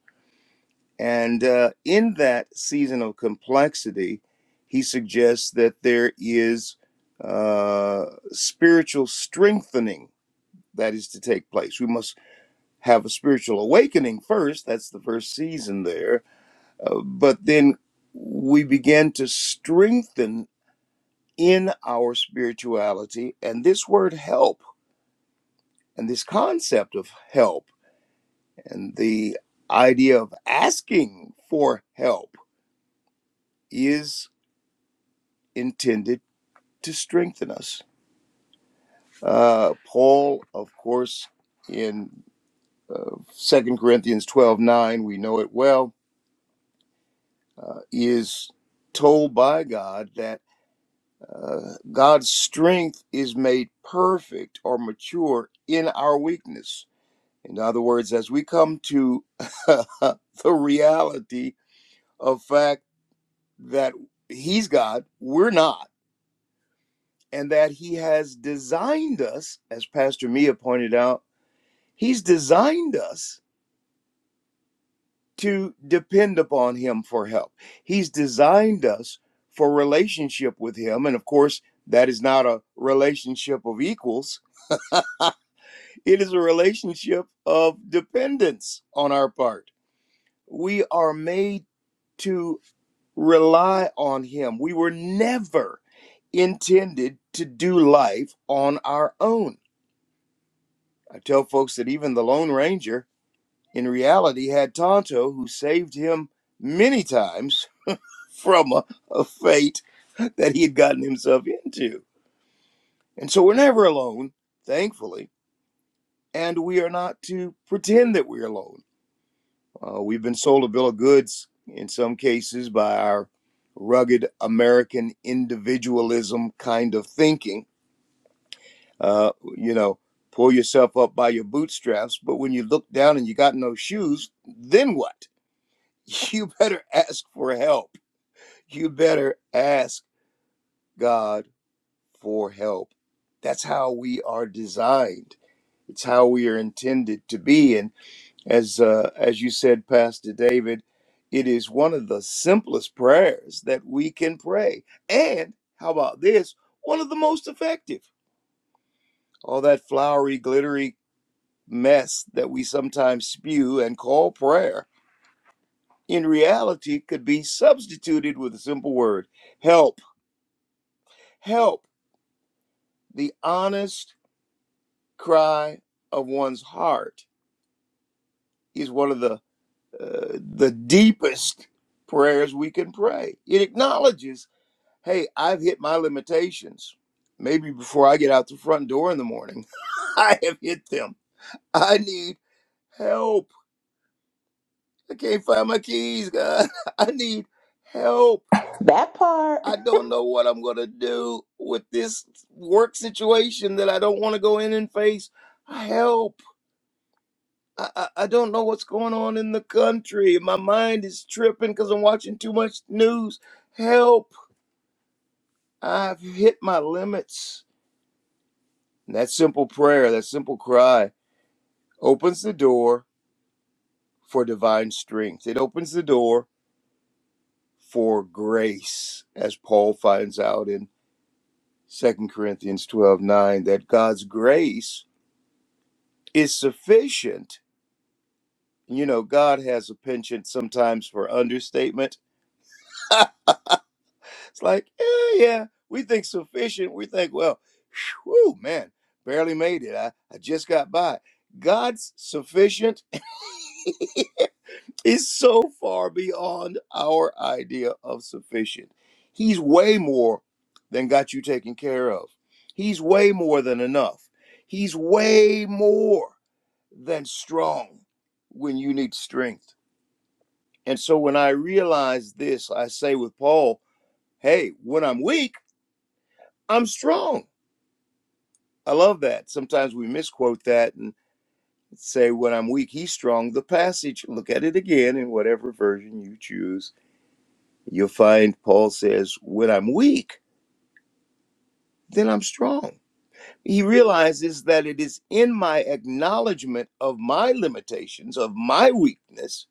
C: And uh, in that season of complexity, he suggests that there is uh, spiritual strengthening that is to take place. We must have a spiritual awakening first. That's the first season there Uh, but then we began to strengthen in our spirituality. And this word help and this concept of help and the idea of asking for help is intended to strengthen us. Uh, Paul, of course, in uh, 2 Corinthians 12 9, we know it well, uh, is told by God that. Uh, God's strength is made perfect or mature in our weakness. In other words, as we come to the reality of fact that He's God, we're not, and that He has designed us, as Pastor Mia pointed out, He's designed us to depend upon Him for help. He's designed us for relationship with Him. And of course, that is not a relationship of equals. It is a relationship of dependence on our part. We are made to rely on Him. We were never intended to do life on our own. I tell folks that even the Lone Ranger, in reality, had Tonto, who saved him many times from a, a fate that he had gotten himself into. And so we're never alone, thankfully, and we are not to pretend that we're alone Uh, we've been sold a bill of goods in some cases by our rugged American individualism kind of thinking. Uh, you know, pull yourself up by your bootstraps, but when you look down and you got no shoes, then what? You better ask for help. You better ask God for help. That's how we are designed. It's how we are intended to be. And. as uh, as you said, Pastor David, it is one of the simplest prayers that we can pray, and how about this? One of the most effective. All that flowery, glittery mess that we sometimes spew and call prayer, in reality, could be substituted with a simple word: help. Help. The honest cry of one's heart is one of the uh, the deepest prayers we can pray. It acknowledges hey, I've hit my limitations. Maybe before I get out the front door in the morning, I have hit them. I need help. I can't find my keys, God. I need help.
D: That part.
C: I don't know what I'm going to do with this work situation that I don't want to go in and face. Help. I, I, I don't know what's going on in the country. My mind is tripping because I'm watching too much news. Help. I've hit my limits. And that simple prayer, that simple cry opens the door for divine strength. It opens the door for grace, as Paul finds out in Second Corinthians 12 9. that God's grace is sufficient. You know, God has a penchant sometimes for understatement. it's like, yeah, yeah, we think sufficient. We think, well, whew, man, barely made it. I, I just got by. God's sufficient is so far beyond our idea of sufficient. He's way more than got you taken care of. He's way more than enough. He's way more than strong when you need strength. And so when I realize this, I say with Paul, hey, when I'm weak, I'm strong. I love that. Sometimes we misquote that and say, when I'm weak, he's strong. The passage, look at it again in whatever version you choose You'll find Paul says, When I'm weak, then I'm strong. He realizes that it is in my acknowledgement of my limitations, of my weakness,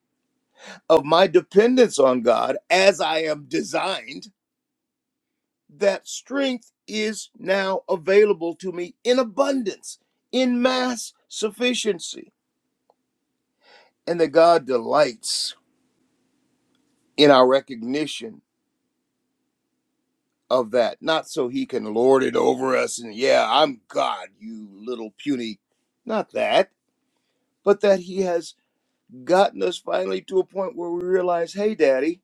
C: of my dependence on God as I am designed, that strength is now available to me in abundance, in mass sufficiency, and that God delights in our recognition of that, not so he can lord it over us and, yeah, I'm God, you little puny. Not that, but that he has gotten us finally to a point where we realize, hey, daddy,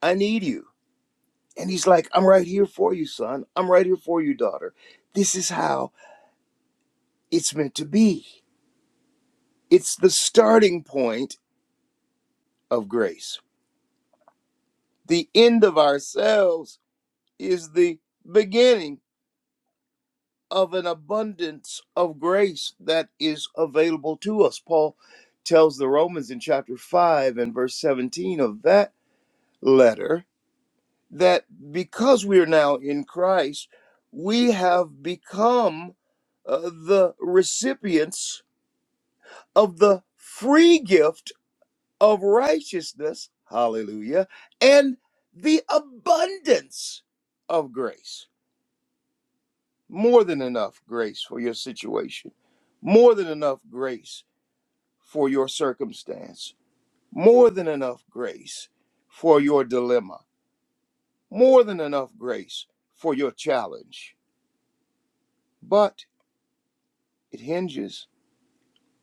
C: I need you. And he's like, I'm right here for you, son. I'm right here for you, daughter. This is how it's meant to be. It's the starting point of grace. The end of ourselves is the beginning of an abundance of grace that is available to us. Paul tells the Romans in chapter 5 and verse 17 of that letter that because we are now in Christ, we have become uh, the recipients of the free gift of righteousness, hallelujah, and the abundance of grace. more than enough grace for your situation, more than enough grace for your circumstance, more than enough grace for your dilemma, more than enough grace for your challenge. But it hinges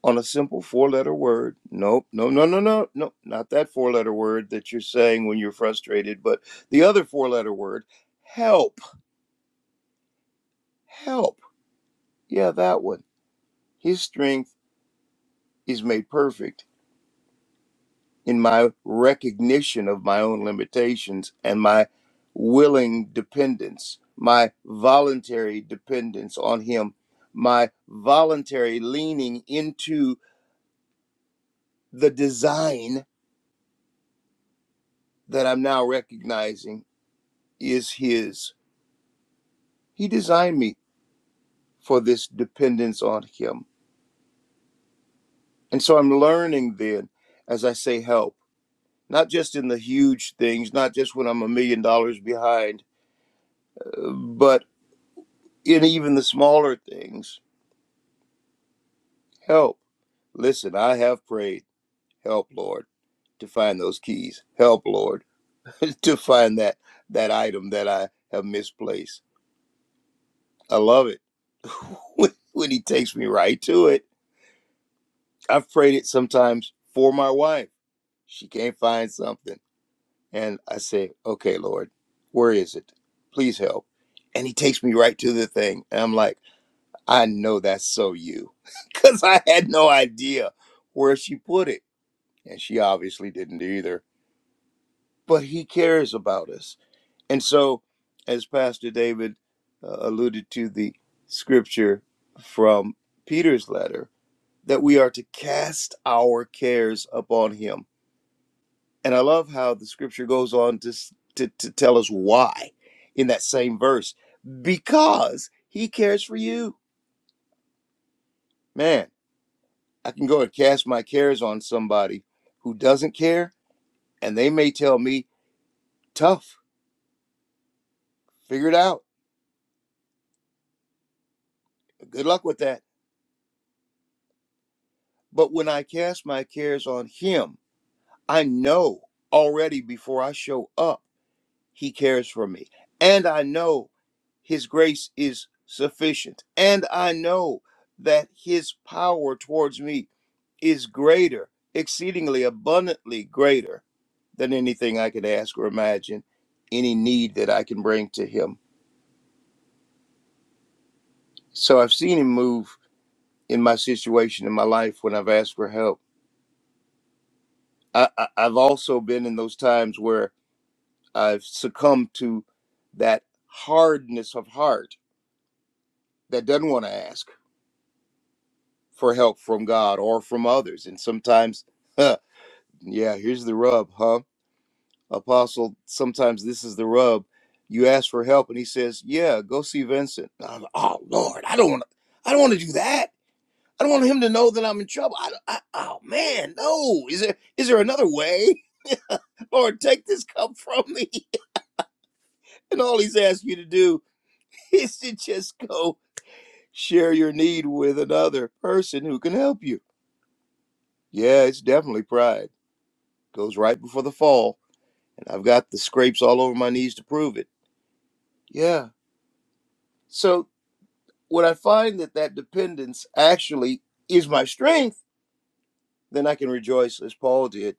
C: on a simple four letter word. Nope, no, no, no, no, no, not that four letter word that you're saying when you're frustrated, but the other four letter word help, help. Yeah, that one. His strength is made perfect in my recognition of my own limitations and my willing dependence, my voluntary dependence on Him, my voluntary leaning into the design that I'm now recognizing is His. He designed me for this dependence on Him. And so I'm learning then, as I say, help. Not just in the huge things, not just when I'm a million dollars behind, uh, but in even the smaller things Help. Listen, I have prayed. Help, Lord, to find those keys. Help, Lord, to find that that item that I have misplaced. I love it when, when he takes me right to it. I've prayed it sometimes for my wife. She can't find something. And I say, okay, Lord, where is it? Please help. And he takes me right to the thing. And I'm like, I know that's so you. Because I had no idea where she put it. And she obviously didn't either but he cares about us. And so, as Pastor David uh, alluded to the scripture from Peter's letter, that we are to cast our cares upon him. And I love how the scripture goes on to, to, to tell us why in that same verse because he cares for you. Man, I can go and cast my cares on somebody who doesn't care, and they may tell me, tough, figure it out. Good luck with that But when I cast my cares on him, I know already before I show up, he cares for me. And I know his grace is sufficient. And I know that his power towards me is greater, exceedingly abundantly greater than anything I could ask or imagine, any need that I can bring to him. So I've seen him move in my situation in my life when I've asked for help. I, I, I've also been in those times where I've succumbed to that hardness of heart that doesn't want to ask for help from God or from others. And sometimes, huh, yeah, here's the rub, huh? Apostle, sometimes this is the rub. You ask for help and he says, Yeah, go see Vincent. I'm like, oh Lord, I don't want to I don't want to do that. I don't want him to know that I'm in trouble. I, I, oh man, no. Is there is there another way? Lord, take this cup from me. And all he's asked you to do is to just go Share your need with another person who can help you. Yeah, it's definitely pride. Goes right before the fall, and I've got the scrapes all over my knees to prove it. Yeah. So when I find that that dependence actually is my strength, then I can rejoice as Paul did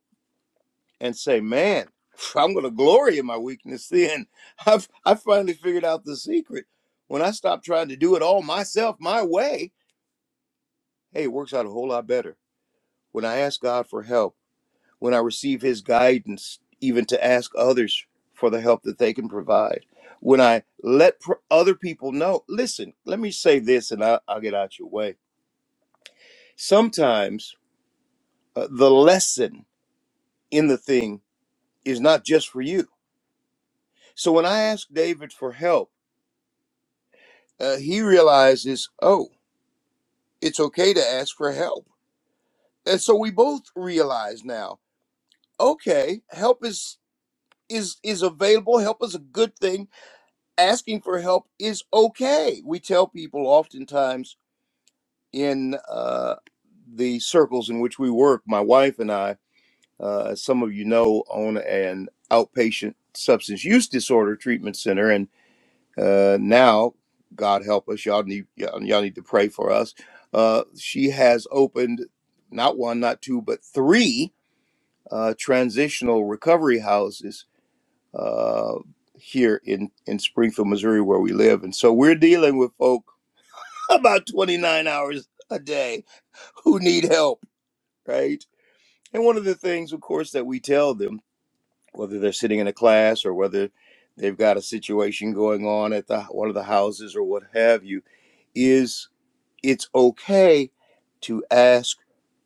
C: and say, "Man, I'm going to glory in my weakness." Then I've I finally figured out the secret. When I stop trying to do it all myself, my way, hey, it works out a whole lot better. When I ask God for help when I receive His guidance, even to ask others for the help that they can provide. When I let pr- other people know, listen, let me say this and I, I'll get out your way. Sometimes uh, the lesson in the thing is not just for you. So when I asked David for help, uh, he realizes, oh, it's okay to ask for help. And so we both realize now, okay, help is is is available. Help is a good thing asking for help is okay. We tell people oftentimes in uh, the circles in which we work, my wife and I, uh, as some of you know, own an outpatient substance use disorder treatment center, and uh, now, God help us, y'all need y'all y'all need to pray for us. Uh, she has opened not one, not two, but three uh, transitional recovery houses uh, here in, in Springfield, Missouri, where we live. And so we're dealing with folk about 29 hours a day who need help, right? And one of the things, of course, that we tell them, whether they're sitting in a class or whether they've got a situation going on at the, one of the houses or what have you, is it's okay to ask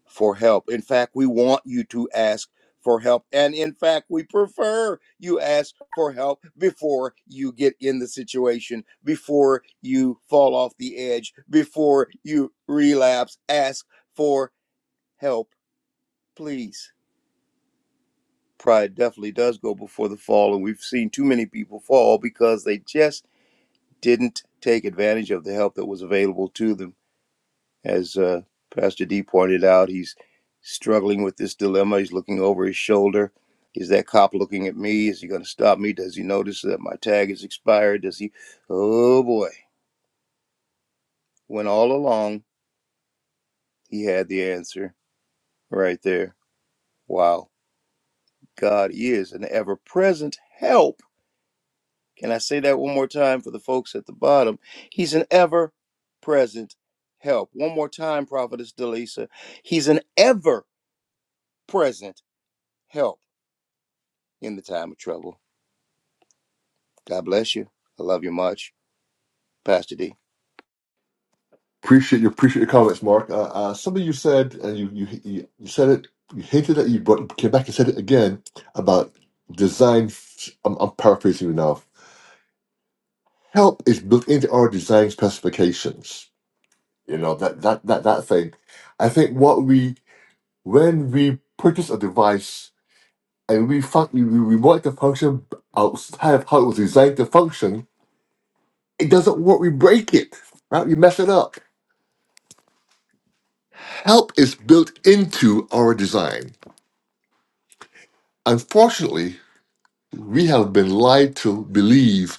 C: for help. In fact, we want you to ask for help. And in fact, we prefer you ask for help before you get in the situation, before you fall off the edge, before you relapse. Ask for help, please. Pride definitely does go before the fall, and we've seen too many people fall because they just didn't take advantage of the help that was available to them. As uh, Pastor D pointed out, he's struggling with this dilemma. He's looking over his shoulder. Is that cop looking at me? Is he going to stop me? Does he notice that my tag is expired? Does he? Oh boy. When all along he had the answer right there. Wow. God is an ever present help. Can I say that one more time for the folks at the bottom? He's an ever present help. One more time, Prophetess Delisa. He's an ever present help in the time of trouble. God bless you. I love you much. Pastor D.
A: Appreciate your appreciate your comments, Mark. Uh, uh, something you said, and you you you you said it. You hinted at you, but came back and said it again about design. I'm, I'm paraphrasing you now. Help is built into our design specifications. You know that that that that thing. I think what we when we purchase a device and we fuck we we want the function outside of how it was designed to function, it doesn't work. We break it, right? We mess it up. Help is built into our design. Unfortunately, we have been lied to believe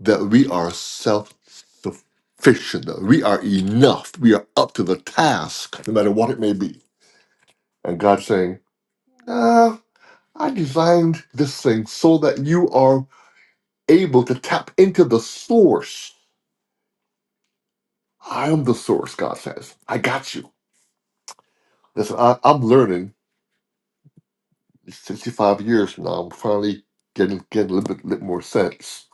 A: that we are self-sufficient, that we are enough, we are up to the task, no matter what it may be. And God's saying, "No, I designed this thing so that you are able to tap into the source I am the source, God says. I got you. Listen, I, I'm learning 65 years from now. I'm finally getting getting a little bit, little more sense.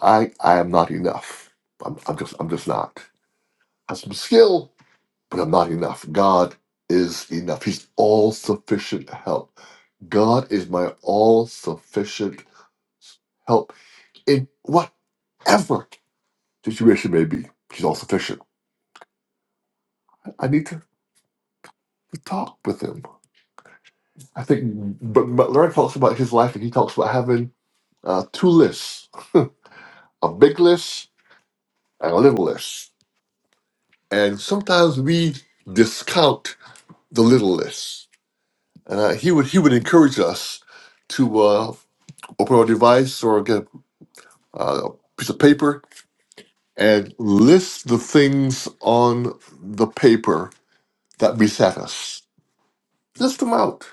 A: I I am not enough. I'm, I'm just I'm just not. I have some skill, but I'm not enough. God is enough. He's all sufficient help. God is my all sufficient help in whatever situation may be. He's all sufficient. I need to talk with him. I think but Larry talks about his life and he talks about having uh, two lists a big list and a little list. And sometimes we discount the little list. And uh, he would he would encourage us to uh, open our device or get uh, a piece of paper and list the things on the paper that beset us. List them out.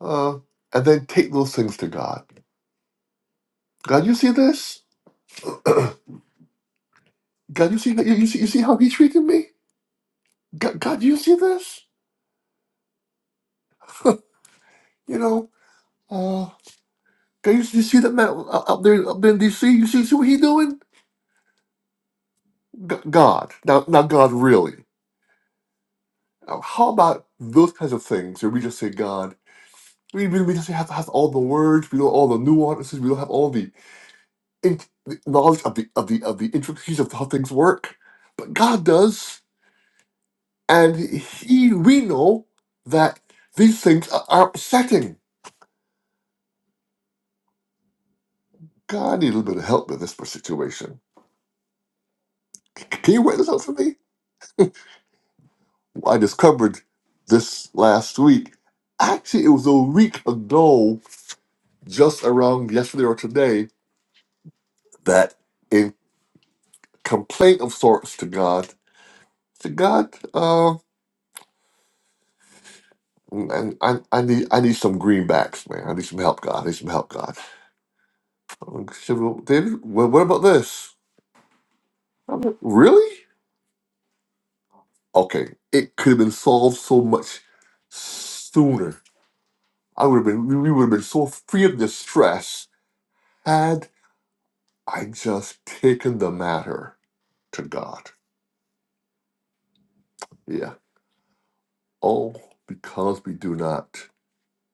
A: Uh, and then take those things to God. God, you see this? God, you see, you, you see, you see how he treated me? God, God, do you see this? You know, uh, God, you, you see that man uh, up there, up there in D.C. You see, see what he doing? G- God, now, now, God, really? Uh, How about those kinds of things where we just say God? We, we, we just have have all the words, we don't all the nuances, we don't have all the, in, the knowledge of the of the of the intricacies of how things work, but God does, and He we know that these things are, are upsetting. God, I need a little bit of help with this situation. C- Can you write this out for me? I discovered this last week. Actually, it was a week ago, just around yesterday or today, that in complaint of sorts to God, to God, uh, and I, I need I need some greenbacks, man. I need some help, God. I need some help, God. Um, she said, well, David, well, what about this? I'm like, really? Okay, it could have been solved so much sooner. I would have been, we would have been so free of distress had I just taken the matter to God. Yeah. Oh, because we do not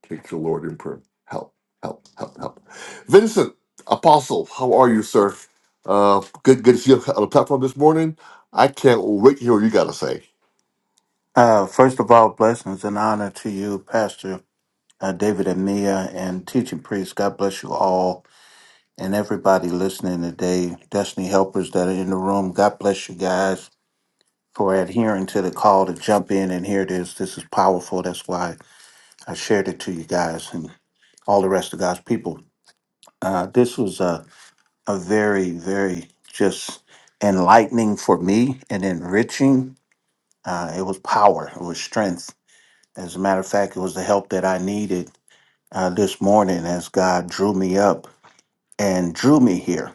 A: take the Lord in prayer. Help, help, help, help. Vincent, Apostle, how are you, sir? Uh, good, good to see you on the platform this morning. I can't wait to hear what you got to say.
E: Uh, first of all, blessings and honor to you, Pastor uh, David and Mia, and teaching priests. God bless you all and everybody listening today. Destiny helpers that are in the room. God bless you guys for adhering to the call to jump in. And here it is. This is powerful. That's why I shared it to you guys and all the rest of God's people. Uh, this was a, a very, very just enlightening for me and enriching. Uh, it was power. It was strength As a matter of fact, it was the help that I needed uh, this morning as God drew me up and drew me here.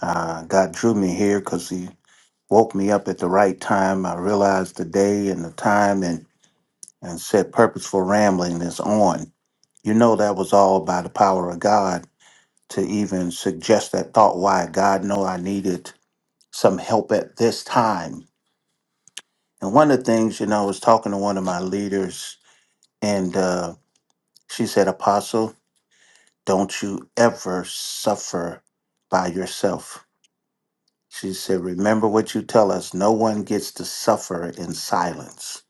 E: Uh, God drew me here because He woke me up at the right time. I realized the day and the time and, and said, Purposeful Rambling is on. You know, that was all by the power of God to even suggest that thought. Why? God know I needed some help at this time. And one of the things, you know, I was talking to one of my leaders and uh, she said, Apostle, Don't you ever suffer by yourself. She said, Remember what you tell us. No one gets to suffer in silence.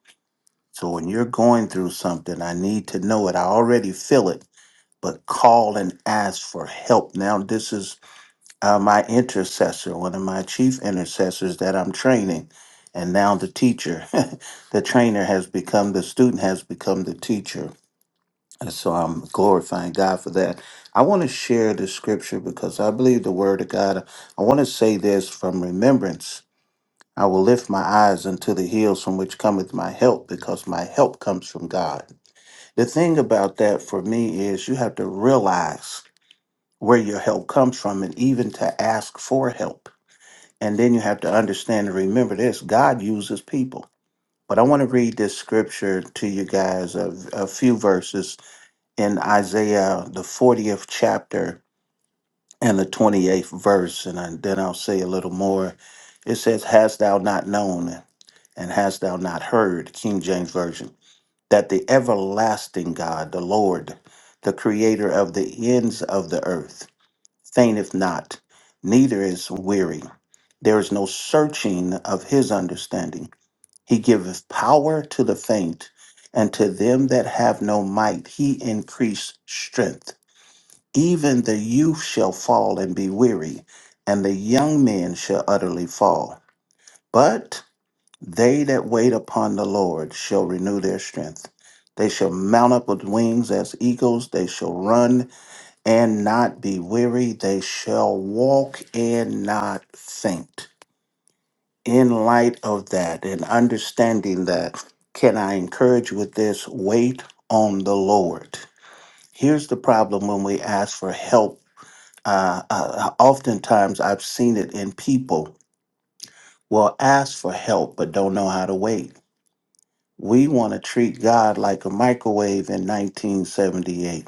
E: So when you're going through something, I need to know it. I already feel it, but call and ask for help. Now, this is uh, my intercessor, one of my chief intercessors that I'm training, and now the teacher. the trainer has become the student, has become the teacher and so I'm glorifying God for that. I want to share the scripture because I believe the word of God. I want to say this from remembrance. I will lift my eyes unto the hills from which cometh my help because my help comes from God. The thing about that for me is you have to realize where your help comes from and even to ask for help. And then you have to understand and remember this God uses people. But I want to read this scripture to you guys, a, a few verses in Isaiah, the 40th chapter and the 28th verse. And I, then I'll say a little more. It says, Hast thou not known and hast thou not heard, King James Version, that the everlasting God, the Lord, the creator of the ends of the earth, fainteth not, neither is weary. There is no searching of his understanding. He giveth power to the faint, and to them that have no might, he increased strength. Even the youth shall fall and be weary, and the young men shall utterly fall. But they that wait upon the Lord shall renew their strength. They shall mount up with wings as eagles. They shall run and not be weary. They shall walk and not faint. In light of that and understanding that, can I encourage you with this? Wait on the Lord. Here's the problem when we ask for help uh, uh, oftentimes I've seen it in people will ask for help but don't know how to wait. We want to treat God like a microwave in 1978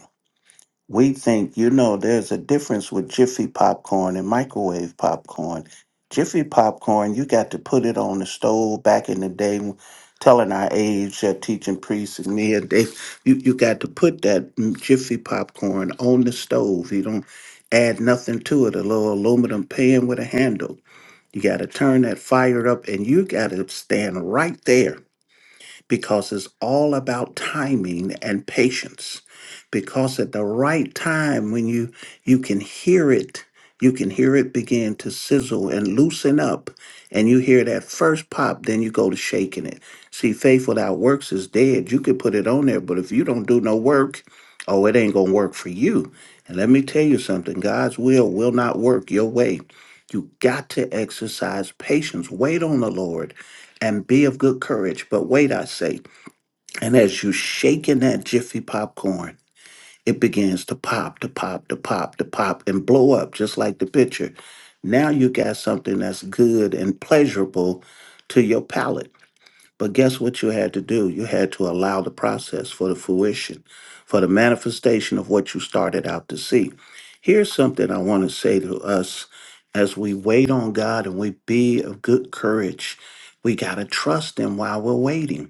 E: we think, you know, there's a difference with Jiffy popcorn and microwave popcorn. Jiffy popcorn, you got to put it on the stove back in the day, telling our age, uh, teaching priests and me, and they, you, you got to put that mm, Jiffy popcorn on the stove. You don't add nothing to it, a little aluminum pan with a handle. You got to turn that fire up and you got to stand right there because it's all about timing and patience. Because at the right time, when you you can hear it, you can hear it begin to sizzle and loosen up, and you hear that first pop, then you go to shaking it. See, faith without works is dead. You could put it on there, but if you don't do no work, oh, it ain't gonna work for you. And let me tell you something: God's will will not work your way. You got to exercise patience. Wait on the Lord and be of good courage. But wait, I say. And as you shaking that jiffy popcorn, it begins to pop, to pop, to pop, to pop, and blow up just like the picture. Now you got something that's good and pleasurable to your palate. But guess what you had to do? You had to allow the process for the fruition, for the manifestation of what you started out to see. Here's something I want to say to us as we wait on God and we be of good courage. We got to trust Him while we're waiting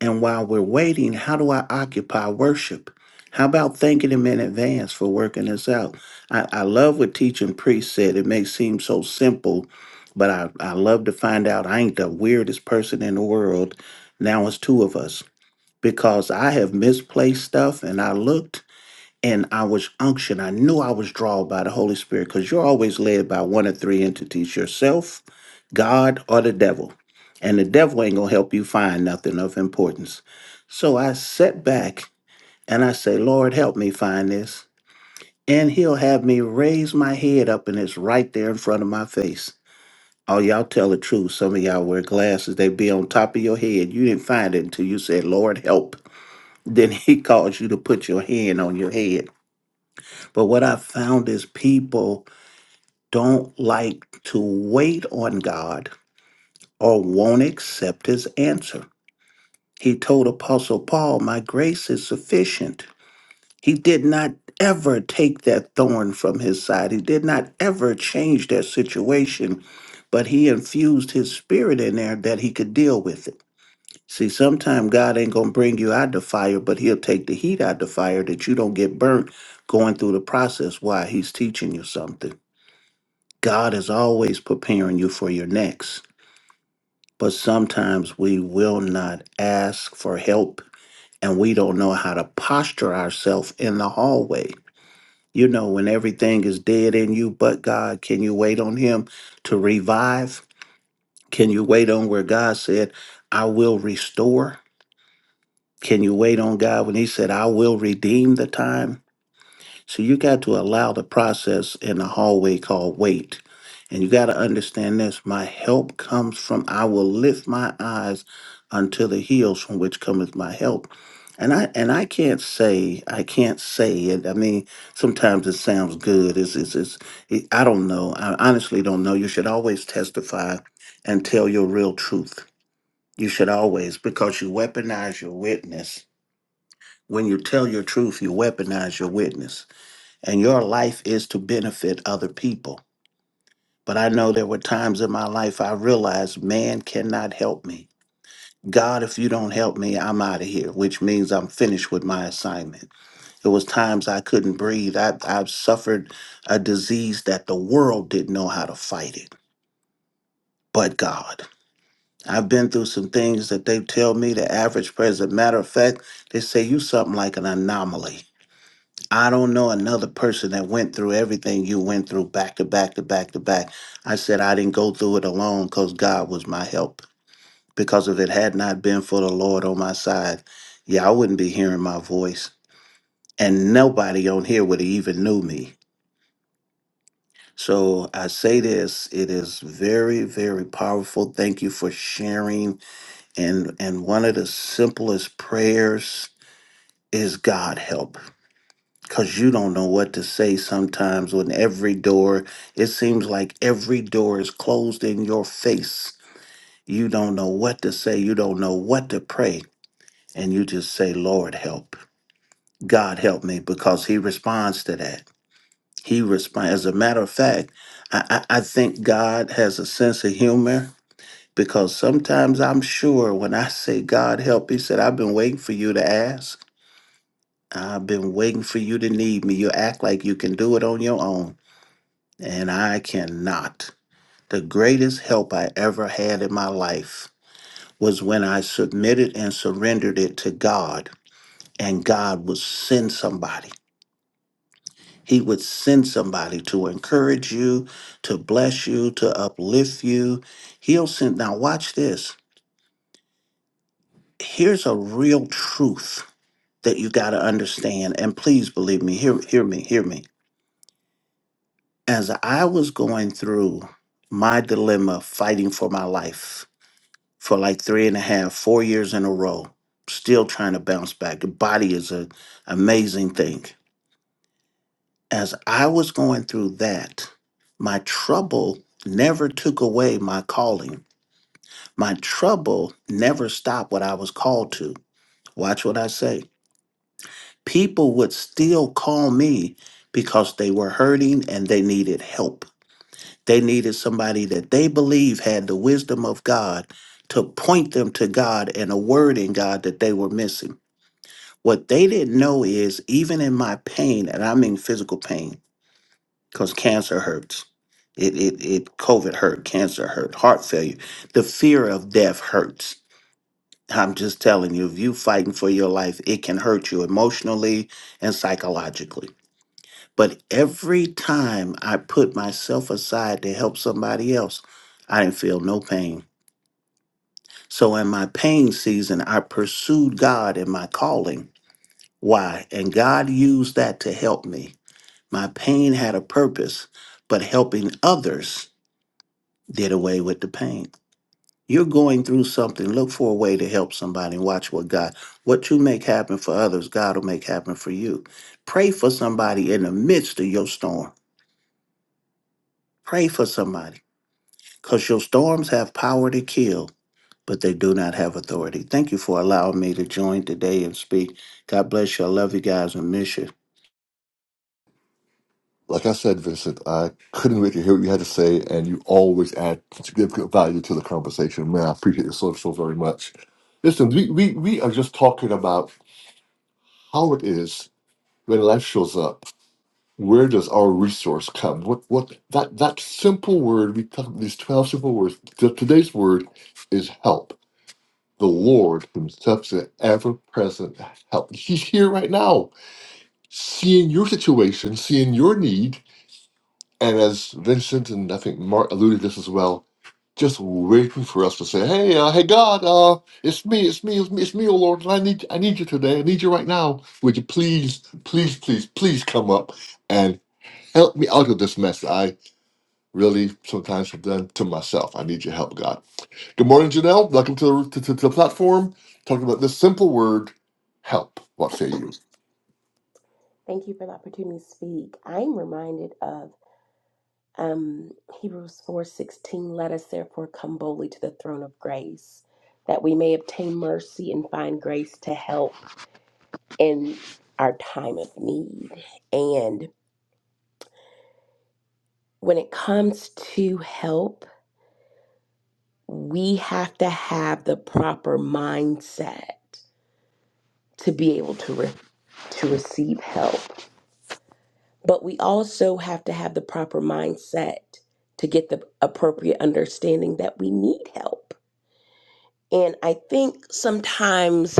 E: and while we're waiting, how do I occupy worship? How about thanking Him in advance for working this out? I, I love what teaching priest said. It may seem so simple, but I, I love to find out I ain't the weirdest person in the world. Now it's two of us because I have misplaced stuff and I looked and I was unctioned. I knew I was drawn by the Holy Spirit because you're always led by one of three entities yourself, God, or the devil. And the devil ain't going to help you find nothing of importance. So I sat back and I say, Lord, help me find this. And he'll have me raise my head up and it's right there in front of my face. Oh, y'all tell the truth. Some of y'all wear glasses, they be on top of your head. You didn't find it until you said, Lord, help. Then he calls you to put your hand on your head but what I found is people don't like to wait on God or won't accept his answer. He told Apostle Paul, My grace is sufficient. He did not ever take that thorn from his side, he did not ever change their situation, but he infused his spirit in there that he could deal with it. See, sometime God ain't going to bring you out the fire, but he'll take the heat out the fire that you don't get burnt going through the process while he's teaching you something. God is always preparing you for your next, but sometimes we will not ask for help and we don't know how to posture ourselves in the hallway. You know, when everything is dead in you but God, can you wait on Him to revive? Can you wait on where God said, I will restore? Can you wait on God when He said, I will redeem the time? So you got to allow the process in the hallway called wait. And you got to understand this my help comes from, I will lift my eyes unto the hills from which cometh my help. And I and I can't say I can't say it. I mean, sometimes it sounds good. It's it's, it's it, I don't know. I honestly don't know. You should always testify and tell your real truth. You should always because you weaponize your witness. When you tell your truth, you weaponize your witness and your life is to benefit other people. But I know there were times in my life I realized man cannot help me. God, if you don't help me, I'm out of here, which means I'm finished with my assignment. It was times I couldn't breathe. I, I suffered a disease that the world didn't know how to fight it, but God. I've been through some things that they tell me the average person. Matter of fact, they say you something like an anomaly I don't know another person that went through everything you went through back to back to back to back. I said I didn't go through it alone because God was my help. Because if it had not been for the Lord on my side, yeah, I wouldn't be hearing my voice. And nobody on here would have even knew me. So I say this, it is very, very powerful. Thank you for sharing. And and one of the simplest prayers is God help. because you don't know what to say sometimes when every door, it seems like every door is closed in your face. You don't know what to say, you don't know what to pray, and you just say, Lord, help. God help me because He responds to that. He responds. As a matter of fact, I, I, I think God has a sense of humor because sometimes I'm sure when I say, God help, He said, I've been waiting for you to ask. I've been waiting for you to need me. You act like you can do it on your own. and I cannot. The greatest help I ever had in my life was when I submitted and surrendered it to God, and God would send somebody. He would send somebody to encourage you, to bless you, to uplift you. He'll send. Now, watch this. Here's a real truth that you got to understand. And please believe me, hear, hear me, hear me. As I was going through my dilemma fighting for my life, for like three and a half, four years in a row, still trying to bounce back. The body is an amazing thing. As I was going through that, my trouble never took away my calling. My trouble never stopped what I was called to. Watch what I say. People would still call me because they were hurting and they needed help. They needed somebody that they believe had the wisdom of God to point them to God and a word in God that they were missing. What they didn't know is even in my pain, and I mean physical pain, because cancer hurts. It, it, it, COVID hurt, cancer hurt, heart failure. The fear of death hurts. I'm just telling you, if you fighting for your life, it can hurt you emotionally and psychologically. But every time I put myself aside to help somebody else, I didn't feel no pain. So in my pain season, I pursued God in my calling. Why? And God used that to help me. My pain had a purpose, but helping others did away with the pain. You're going through something. Look for a way to help somebody. Watch what God, what you make happen for others, God will make happen for you. Pray for somebody in the midst of your storm. Pray for somebody because your storms have power to kill, but they do not have authority. Thank you for allowing me to join today and speak. God bless you. I love you guys and miss you.
A: Like I said, Vincent, I couldn't wait to hear what you had to say, and you always add significant value to the conversation. Man, I appreciate you so, so very much. Listen, we, we, we are just talking about how it is when life shows up. Where does our resource come? What what that that simple word we talk these twelve simple words. t- today's word is help. The Lord Himself is ever present help. He's here right now, seeing your situation, seeing your need, And as Vincent and I think Mark alluded to this as well, just waiting for us to say, "Hey, uh, hey, God, uh, it's me, it's me, it's me, it's me, oh Lord, and I need, I need you today. I need you right now. Would you please, please, please, please come up and help me out of this mess that I really sometimes have done to myself. I need your help, God. Good morning, Janelle. Welcome to the to, to, to the platform. Talking about this simple word, help. What say you?
D: Thank you for the opportunity to speak. I'm reminded of um, Hebrews 4:16. Let us therefore come boldly to the throne of grace, that we may obtain mercy and find grace to help in our time of need. And when it comes to help, we have to have the proper mindset to be able to re- to receive help. But we also have to have the proper mindset to get the appropriate understanding that we need help. And I think sometimes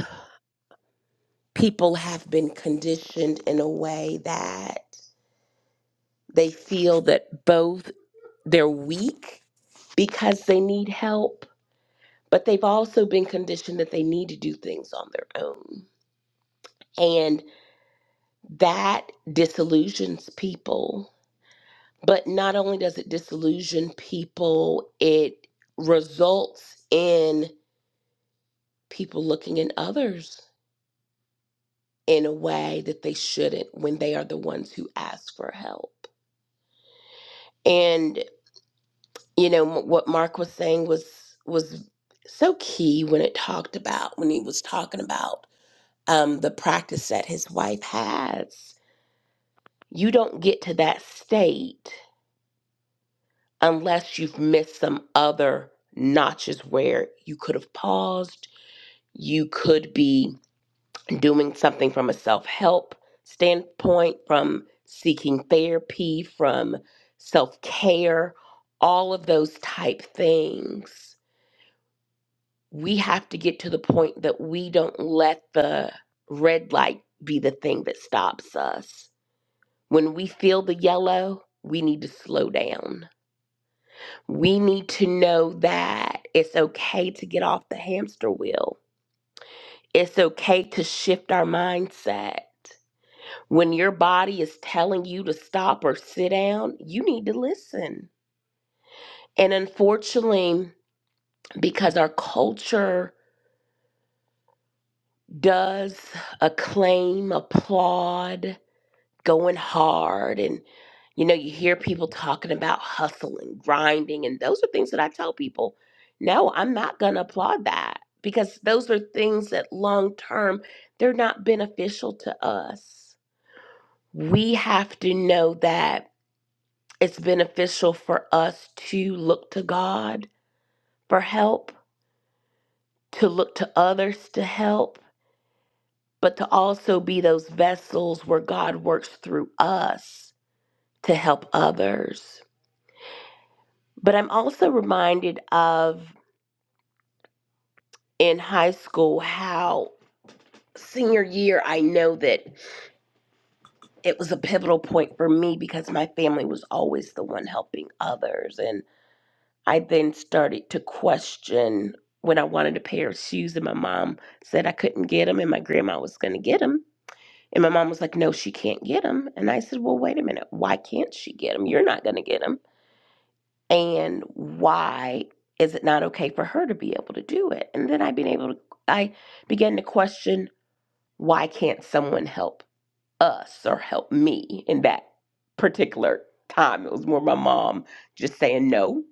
D: people have been conditioned in a way that they feel that both they're weak because they need help, but they've also been conditioned that they need to do things on their own. And that disillusions people But not only does it disillusion people, it results in people looking at others in a way that they shouldn't when they are the ones who ask for help. And you know m- what Mark was saying was was so key when it talked about when he was talking about um, the practice that his wife has. You don't get to that state unless you've missed some other notches where you could have paused you could be doing something from a self help standpoint, from seeking therapy, from self care, all of those type things. We have to get to the point that we don't let the red light be the thing that stops us. When we feel the yellow, we need to slow down. We need to know that it's okay to get off the hamster wheel. It's okay to shift our mindset When your body is telling you to stop or sit down, you need to listen. And unfortunately, because our culture does acclaim, applaud, going hard, and you know, you hear people talking about hustling, grinding, and those are things that I tell people, no, I'm not going to applaud that because those are things that long term, they're not beneficial to us. We have to know that it's beneficial for us to look to God for help, to look to others to help, but to also be those vessels where God works through us to help others. But I'm also reminded of in high school how senior year, I know that it was a pivotal point for me because my family was always the one helping others. and. I then started to question when I wanted a pair of shoes, and my mom said I couldn't get them, and my grandma was going to get them. And my mom was like, No, she can't get them. And I said, Well, wait a minute. Why can't she get them? You're not going to get them. And why is it not okay for her to be able to do it? And then I've been able to, I began to question why can't someone help us or help me in that particular time? It was more my mom just saying, No,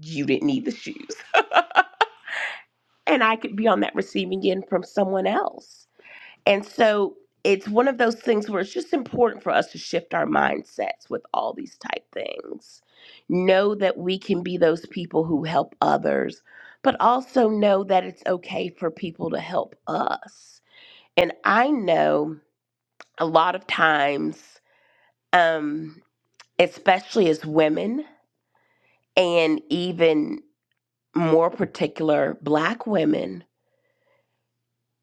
D: you didn't need the shoes. and I could be on that receiving end from someone else. And so it's one of those things where it's just important for us to shift our mindsets with all these type things. Know that we can be those people who help others, but also know that it's okay for people to help us. And I know a lot of times, um, especially as women, and even more particular, black women,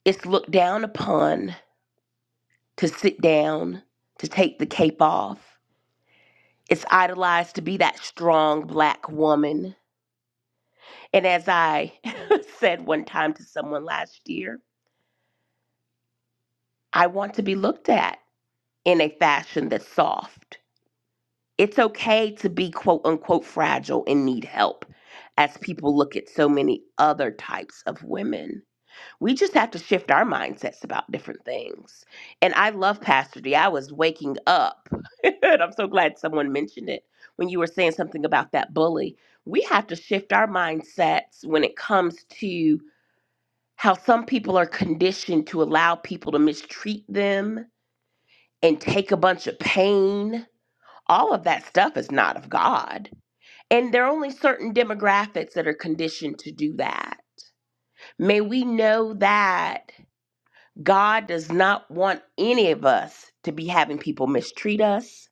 D: it's looked down upon to sit down, to take the cape off. It's idolized to be that strong black woman. And as I said one time to someone last year, I want to be looked at in a fashion that's soft. It's okay to be quote unquote fragile and need help as people look at so many other types of women. we just have to shift our mindsets about different things. And I love Pastor D. I was waking up, and I'm so glad someone mentioned it when you were saying something about that bully. We have to shift our mindsets when it comes to how some people are conditioned to allow people to mistreat them and take a bunch of pain. All of that stuff is not of God. And there are only certain demographics that are conditioned to do that. May we know that God does not want any of us to be having people mistreat us,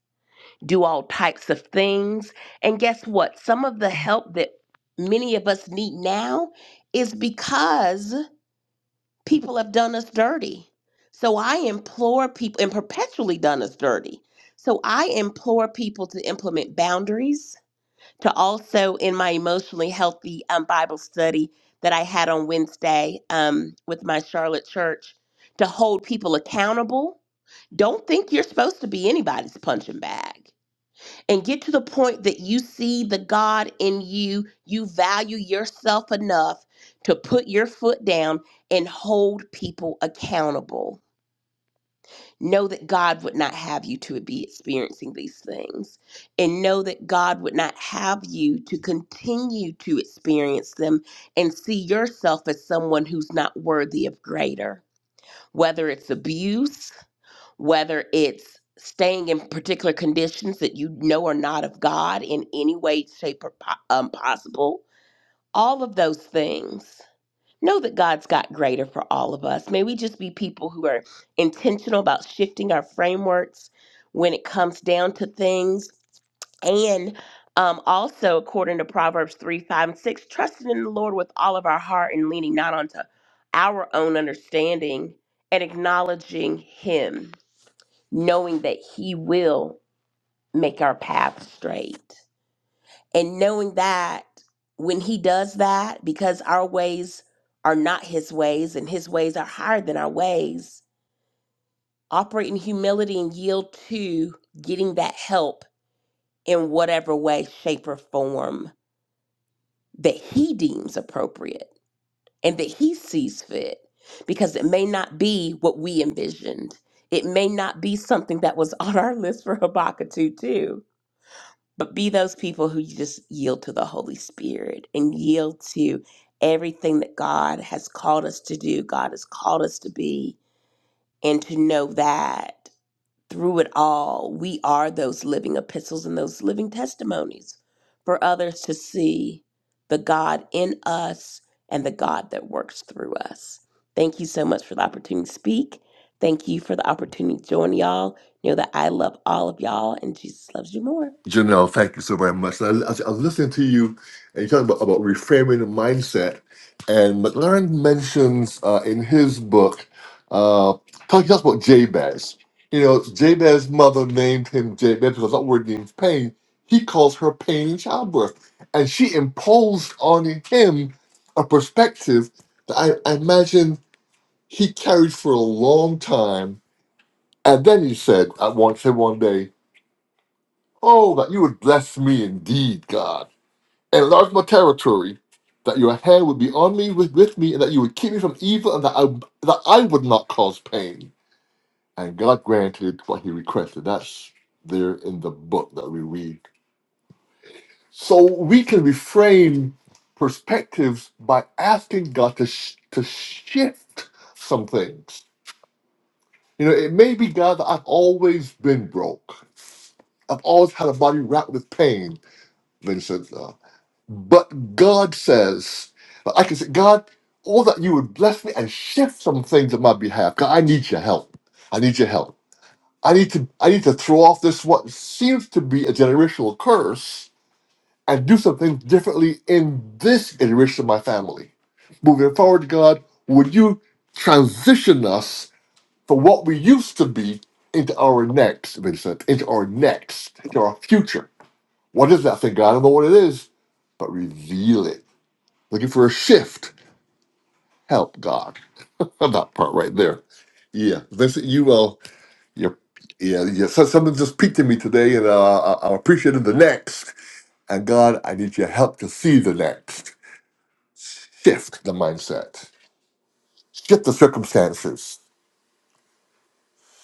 D: do all types of things. And guess what? Some of the help that many of us need now is because people have done us dirty. So I implore people and perpetually done us dirty. So I implore people to implement boundaries to also in my emotionally healthy um, Bible study that I had on Wednesday um, with my Charlotte church to hold people accountable. Don't think you're supposed to be anybody's punching bag. And get to the point that you see the God in you, you value yourself enough to put your foot down and hold people accountable Know that God would not have you to be experiencing these things. And know that God would not have you to continue to experience them and see yourself as someone who's not worthy of greater. Whether it's abuse, whether it's staying in particular conditions that you know are not of God in any way, shape, or po- um, possible, all of those things know that God's got greater for all of us. May we just be people who are intentional about shifting our frameworks when it comes down to things. And um, also, according to Proverbs 3 5 and 6, trusting in the Lord with all of our heart and leaning not onto our own understanding and acknowledging Him, knowing that He will make our path straight. And knowing that when he does that, because our ways are not his ways and his ways are higher than our ways, operate in humility and yield to getting that help in whatever way, shape, or form that he deems appropriate and that he sees fit, because it may not be what we envisioned. It may not be something that was on our list for Habakkuk 2 too But be those people who just yield to the Holy Spirit and yield to everything that God has called us to do, God has called us to be, and to know that through it all, we are those living epistles and those living testimonies for others to see the God in us and the God that works through us. Thank you so much for the opportunity to speak. Thank you for the opportunity to join y'all. Know that I love all of y'all and Jesus loves you more.
A: Janelle, thank you so very much. I, I, I was listening to you, and you talked about, about reframing the mindset. And McLaren mentions uh, in his book, uh, talking talks about Jabez. You know, Jabez's mother named him Jabez because that word means pain. He calls her pain in childbirth. And she imposed on him a perspective that I, I imagine he carried for a long time. And then he said, at one, said one day, Oh, that you would bless me indeed, God enlarge my territory, that your hand would be on me with, with me, and that you would keep me from evil, and that I that I would not cause pain. And God granted what he requested. That's there in the book that we read. So we can reframe perspectives by asking God to sh- to shift some things. You know, it may be God that I've always been broke. I've always had a body wrapped with pain, Vincent. But God says, I can say, God, all that you would bless me and shift some things on my behalf. God, I need your help. I need your help. I need to I need to throw off this what seems to be a generational curse and do some things differently in this generation of my family. Moving forward, God, would you transition us from what we used to be into our next, Vincent, into our next, into our future? What is that thing, God? I don't know what it is, but reveal it looking for a shift. Help God. Love that part right there. Yeah, this you will. You, yeah, yeah. So something just peaked in me today, and uh, I- I'm appreciating the next. And God, I need your help to see the next. Shift the mindset. Shift the circumstances.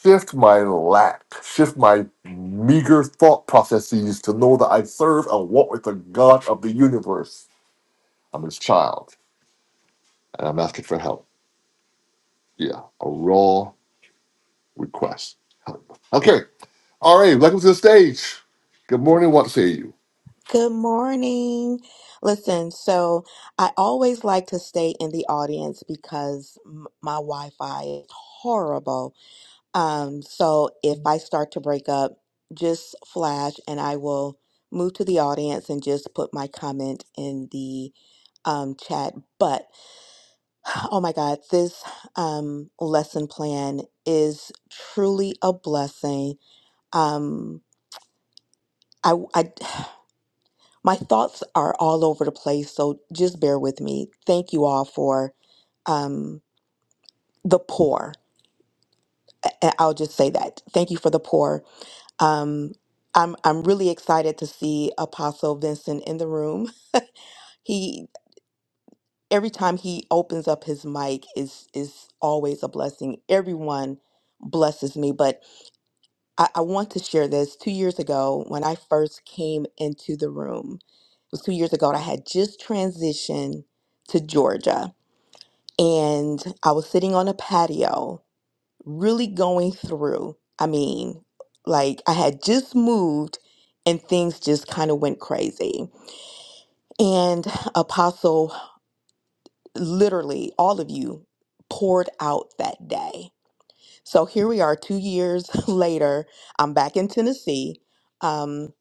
A: Shift my lack. Shift my meager thought processes to know that I serve and walk with the God of the universe. I'm His child, and I'm asking for help. Yeah, a raw request. Help. Okay, All right, welcome to the stage. Good morning. Want to say you?
F: Good morning. Listen, so I always like to stay in the audience because m- my Wi-Fi is horrible. Um, so if I start to break up, just flash and I will move to the audience and just put my comment in the um, chat. But oh my God, this um, lesson plan is truly a blessing. Um, I, I My thoughts are all over the place, so just bear with me. Thank you all for um, the poor. I- I- I'll just say that. Thank you for the poor. Um, I'm I'm really excited to see Apostle Vincent in the room. He every time he opens up his mic is is always a blessing. Everyone blesses me, but I, I want to share this. Two years ago, when I first came into the room, it was two years ago, and I had just transitioned to Georgia and I was sitting on a patio, really going through. I mean, like I had just moved and things just kind of went crazy. And Apostle, literally, all of you poured out that day. So here we are, two years later. I'm back in Tennessee um,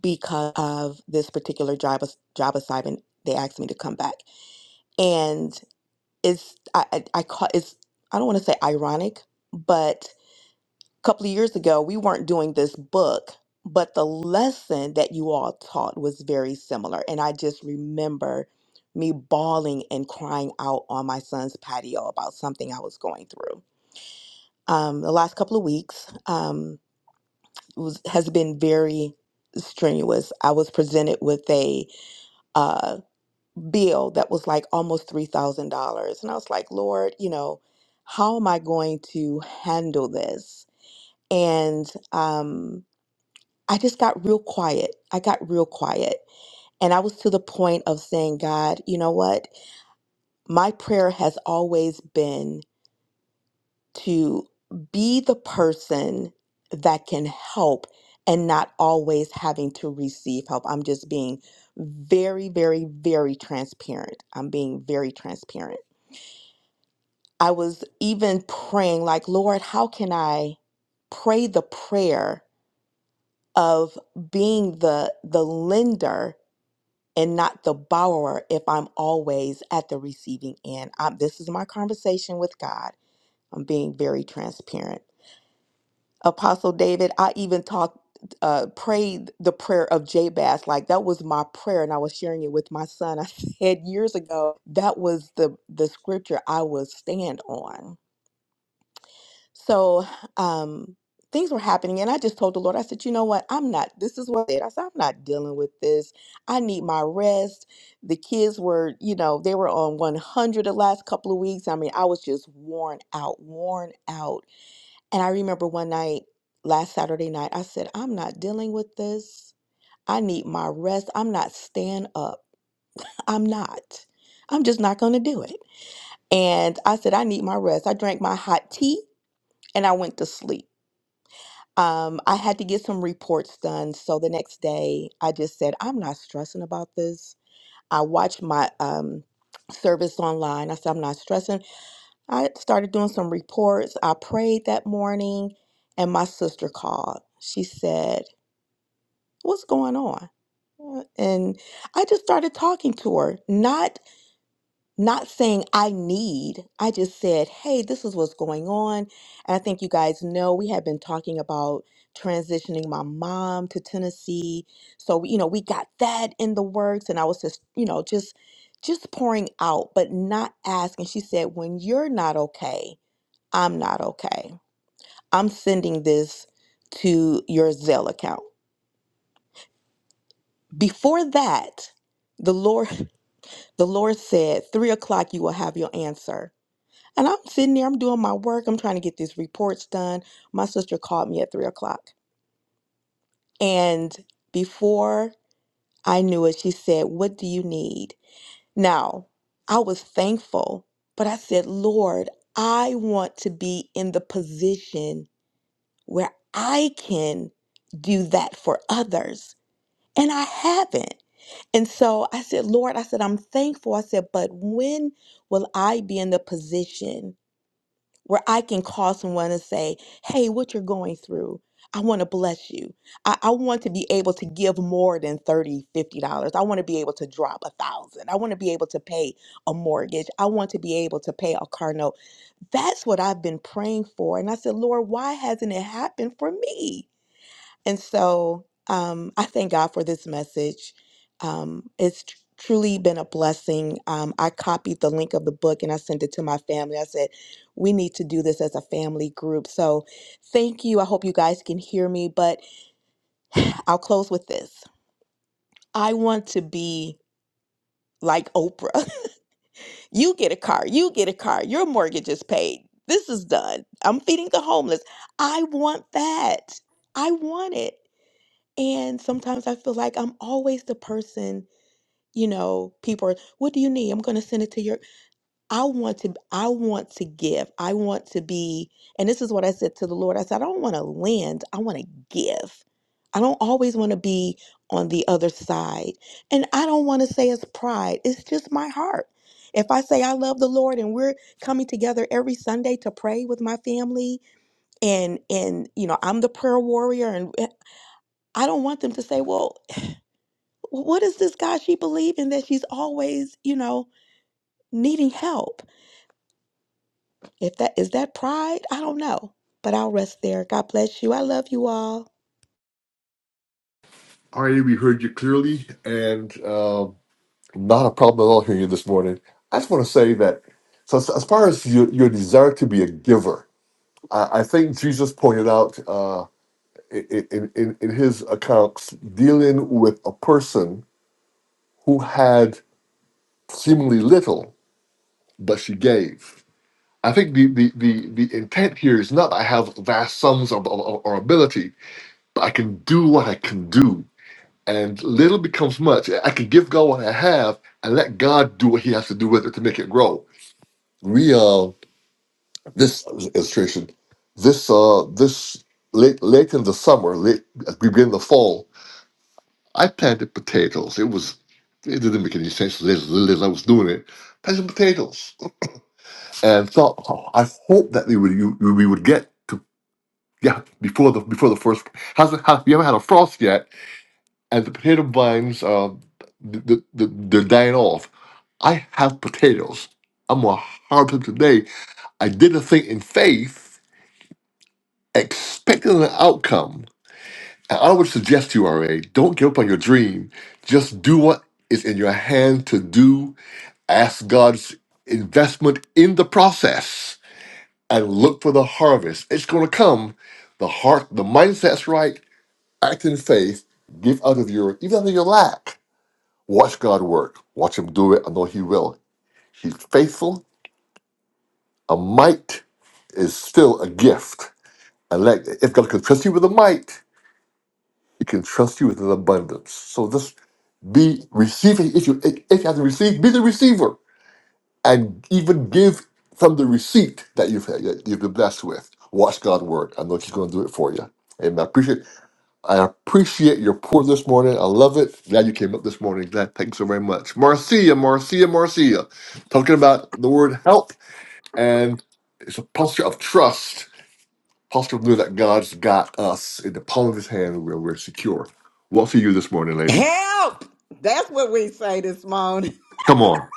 F: because of this particular job ass- job assignment. They asked me to come back, and it's I I, I call it's I don't want to say ironic, but couple of years ago, we weren't doing this book, but the lesson that you all taught was very similar. And I just remember me bawling and crying out on my son's patio about something I was going through. Um, the last couple of weeks um, was, has been very strenuous. I was presented with a uh, bill that was like almost $3,000. And I was like, Lord, you know, how am I going to handle this? And, um, I just got real quiet. I got real quiet. And I was to the point of saying, God, you know what? My prayer has always been to be the person that can help and not always having to receive help. I'm just being very, very, very transparent. I'm being very transparent. I was even praying, like, Lord, how can I pray the prayer of being the the lender? and not the borrower if I'm always at the receiving end. Um, this is my conversation with God. I'm being very transparent. Apostle David, I even talked, uh, prayed the prayer of Jabez. Like that was my prayer, and I was sharing it with my son. I said years ago that was the the scripture I would stand on so um, things were happening, and I just told the Lord, I said, you know what? I'm not, this is what I said. I said, I'm not dealing with this. I need my rest. The kids were, you know, they were on 100 the last couple of weeks. I mean, I was just worn out, worn out. And I remember one night, last Saturday night, I said, I'm not dealing with this. I need my rest. I'm not staying up. I'm not. I'm just not going to do it. And I said, I need my rest. I drank my hot tea and I went to sleep. Um, I had to get some reports done. So the next day, I just said, I'm not stressing about this. I watched my um, service online. I said, I'm not stressing. I started doing some reports. I prayed that morning, and my sister called. She said, What's going on? Uh, And I just started talking to her, not not saying I need. I just said, hey, this is what's going on. And I think you guys know we have been talking about transitioning my mom to Tennessee. So, you know, we got that in the works. And I was just, you know, just just pouring out, but not asking. She said, when you're not okay, I'm not okay. I'm sending this to your Zelle account. Before that, the Lord the Lord said, three o'clock you will have your answer. And I'm sitting there, I'm doing my work, I'm trying to get these reports done. My sister called me at three o'clock. And before I knew it, she said, What do you need? Now, I was thankful, but I said, Lord, I want to be in the position where I can do that for others. And I haven't. And so I said, Lord, I said, I'm thankful. I said, but when will I be in the position? where I can call someone and say, Hey, what you're going through, I want to bless you. I, I want to be able to give more than thirty, fifty dollars I want to be able to drop a thousand. I want to be able to pay a mortgage. I want to be able to pay a car note. That's what I've been praying for. And I said, Lord, why hasn't it happened for me? And so um, I thank God for this message. Um, it's tr- truly been a blessing. Um, I copied the link of the book and I sent it to my family. I said, we need to do this as a family group. So thank you. I hope you guys can hear me, but I'll close with this. I want to be like Oprah. you get a car, you get a car, your mortgage is paid. This is done. I'm feeding the homeless. I want that. I want it. And sometimes I feel like I'm always the person, you know, people are, what do you need? I'm going to send it to your I want to I want to give. I want to be and this is what I said to the Lord. I said I don't want to lend, I want to give. I don't always want to be on the other side. And I don't want to say it's pride. It's just my heart. If I say I love the Lord and we're coming together every Sunday to pray with my family and and you know, I'm the prayer warrior and eh, I don't want them to say, well, what is this God she believing that she's always, you know, needing help? If that is that pride, I don't know. But I'll rest there. God bless you. I love you all.
A: All right, we heard you clearly, and um, not a problem at all hearing you this morning. I just want to say that, so as, as far as your, your desire to be a giver, I, I think Jesus pointed out uh, in, in, in in his accounts dealing with a person who had seemingly little, but she gave. I think the, the, the, the intent here is not I have vast sums of, of, of- or ability, but I can do what I can do and little becomes much. I can give God what I have and let God do what He has to do with it to make it grow. We uh, this illustration, this uh, this late late in the summer, late as we begin the fall, I planted potatoes. It was it didn't make any sense. Little, little as I was doing it, planted potatoes, and thought oh, I hope that we would you, we would get to yeah before the before the first hasn't has, we haven't had a frost yet, and the potato vines uh, the, the, the, they're dying off I have potatoes. I'm going to harvest them today. I did a thing in faith, expecting an outcome. And I would suggest to you, RA, don't give up on your dream. Just do what is in your hand to do. Ask God's investment in the process and look for the harvest. It's going to come. The heart, the mindset's right. Act in faith. Give out of your, even out of your lack. Watch God work. Watch Him do it. I know He will. He's faithful A mite is still a gift. And like, if God can trust you with a mite, He can trust you with an abundance. So just be receiving. If you if you have to receive, be the receiver, and even give from the receipt that you've that you've been blessed with. Watch God work. I know He's going to do it for you. And I appreciate I appreciate your pour this morning. I love it. Glad you came up this morning. Glad. Thanks so very much, Marcia. Marcia. Marcia. Talking about the word help and it's a posture of trust Apostle knew that God's got us in the palm of his hand and we're, we're secure. What for you this morning, lady?
G: Help! That's what we say this morning.
A: Come on.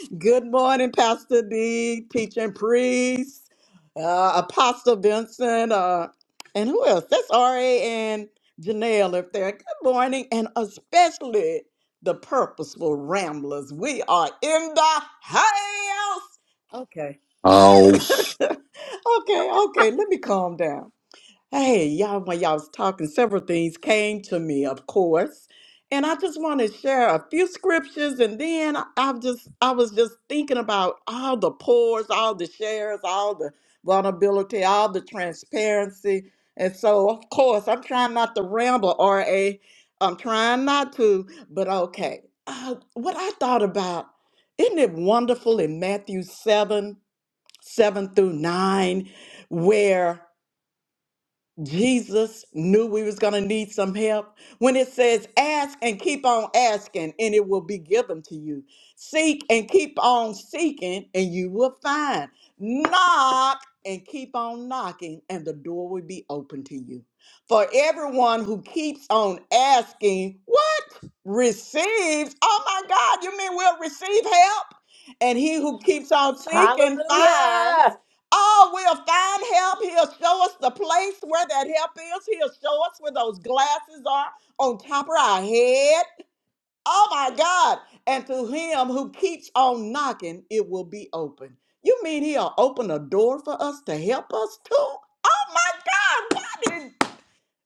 G: Good morning, Pastor D, teaching priest, uh, Apostle Vincent, uh, and who else? That's R.A. and Janelle up there. Good morning, and especially the purposeful ramblers. We are in the house. Okay.
A: Oh,
G: Okay, okay, let me calm down. Hey, y'all, when y'all was talking, several things came to me, of course. And I just want to share a few scriptures. And then I, I've just, I was just thinking about all the pours, all the shares, all the vulnerability, all the transparency. And so, of course, I'm trying not to ramble, RA. I'm trying not to, but okay. Uh, what I thought about, isn't it wonderful in Matthew 7, 7 through 9, where Jesus knew we was going to need some help when it says ask and keep on asking and it will be given to you. Seek and keep on seeking and you will find. Knock and keep on knocking and the door will be open to you. For everyone who keeps on asking, what receives? Oh my God, you mean we'll receive help? And he who keeps on seeking finds.
D: Hallelujah.
G: Oh, we'll find help. He'll show us the place where that help is. He'll show us where those glasses are on top of our head. Oh my God. And to him who keeps on knocking, it will be open. You mean he'll open a door for us to help us too? Oh my God. Why did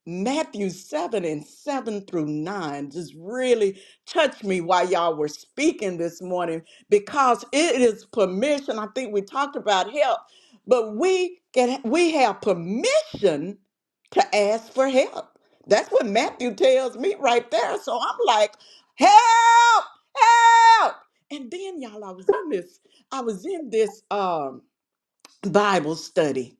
G: Matthew 7 and 7 through 9 just really touched me while y'all were speaking this morning because it is permission. I think we talked about help, but we can we have permission to ask for help. That's what Matthew tells me right there. So I'm like, help, help. And then y'all, I was in this, I was in this um Bible study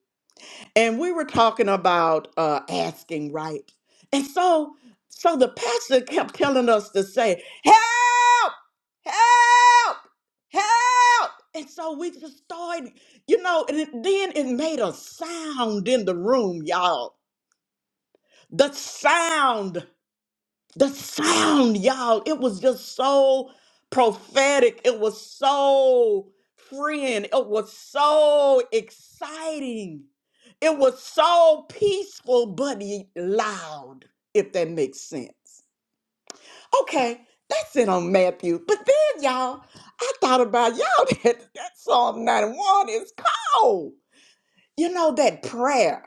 G: and we were talking about uh asking right and so so the pastor kept telling us to say help help help and so we just started you know and it, then it made a sound in the room y'all the sound the sound, y'all, it was just so prophetic. It was so freeing. It was so exciting. It was so peaceful, but y- loud, if that makes sense. Okay, that's it on Matthew. But then, y'all, I thought about y'all that, that Psalm 91 is cold you know that prayer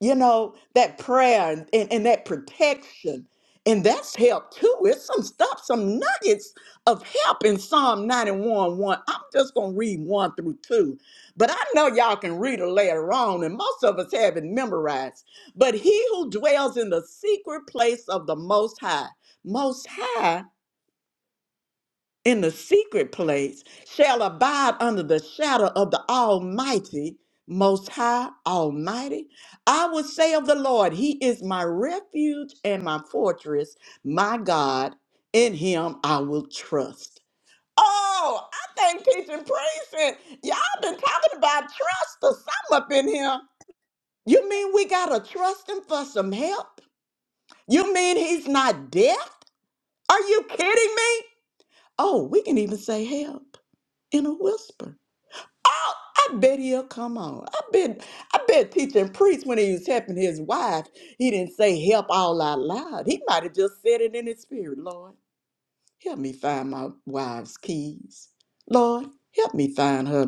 G: you know that prayer and, and, and that protection and that's help too it's some stuff some nuggets of help in psalm 91 1 i'm just going to read 1 through 2 but i know y'all can read it later on and most of us have it memorized but he who dwells in the secret place of the most high most high in the secret place shall abide under the shadow of the Almighty, Most High, Almighty. I will say of the Lord, He is my refuge and my fortress, my God. In Him I will trust. Oh, I think teaching praise and y'all been talking about trust or something up in here. You mean we gotta trust Him for some help? You mean He's not deaf? Are you kidding me? Oh, we can even say help in a whisper. Oh, I bet he'll come on. I bet I bet teaching priest when he was helping his wife, he didn't say help all out loud. He might have just said it in his spirit, Lord. Help me find my wife's keys. Lord, help me find her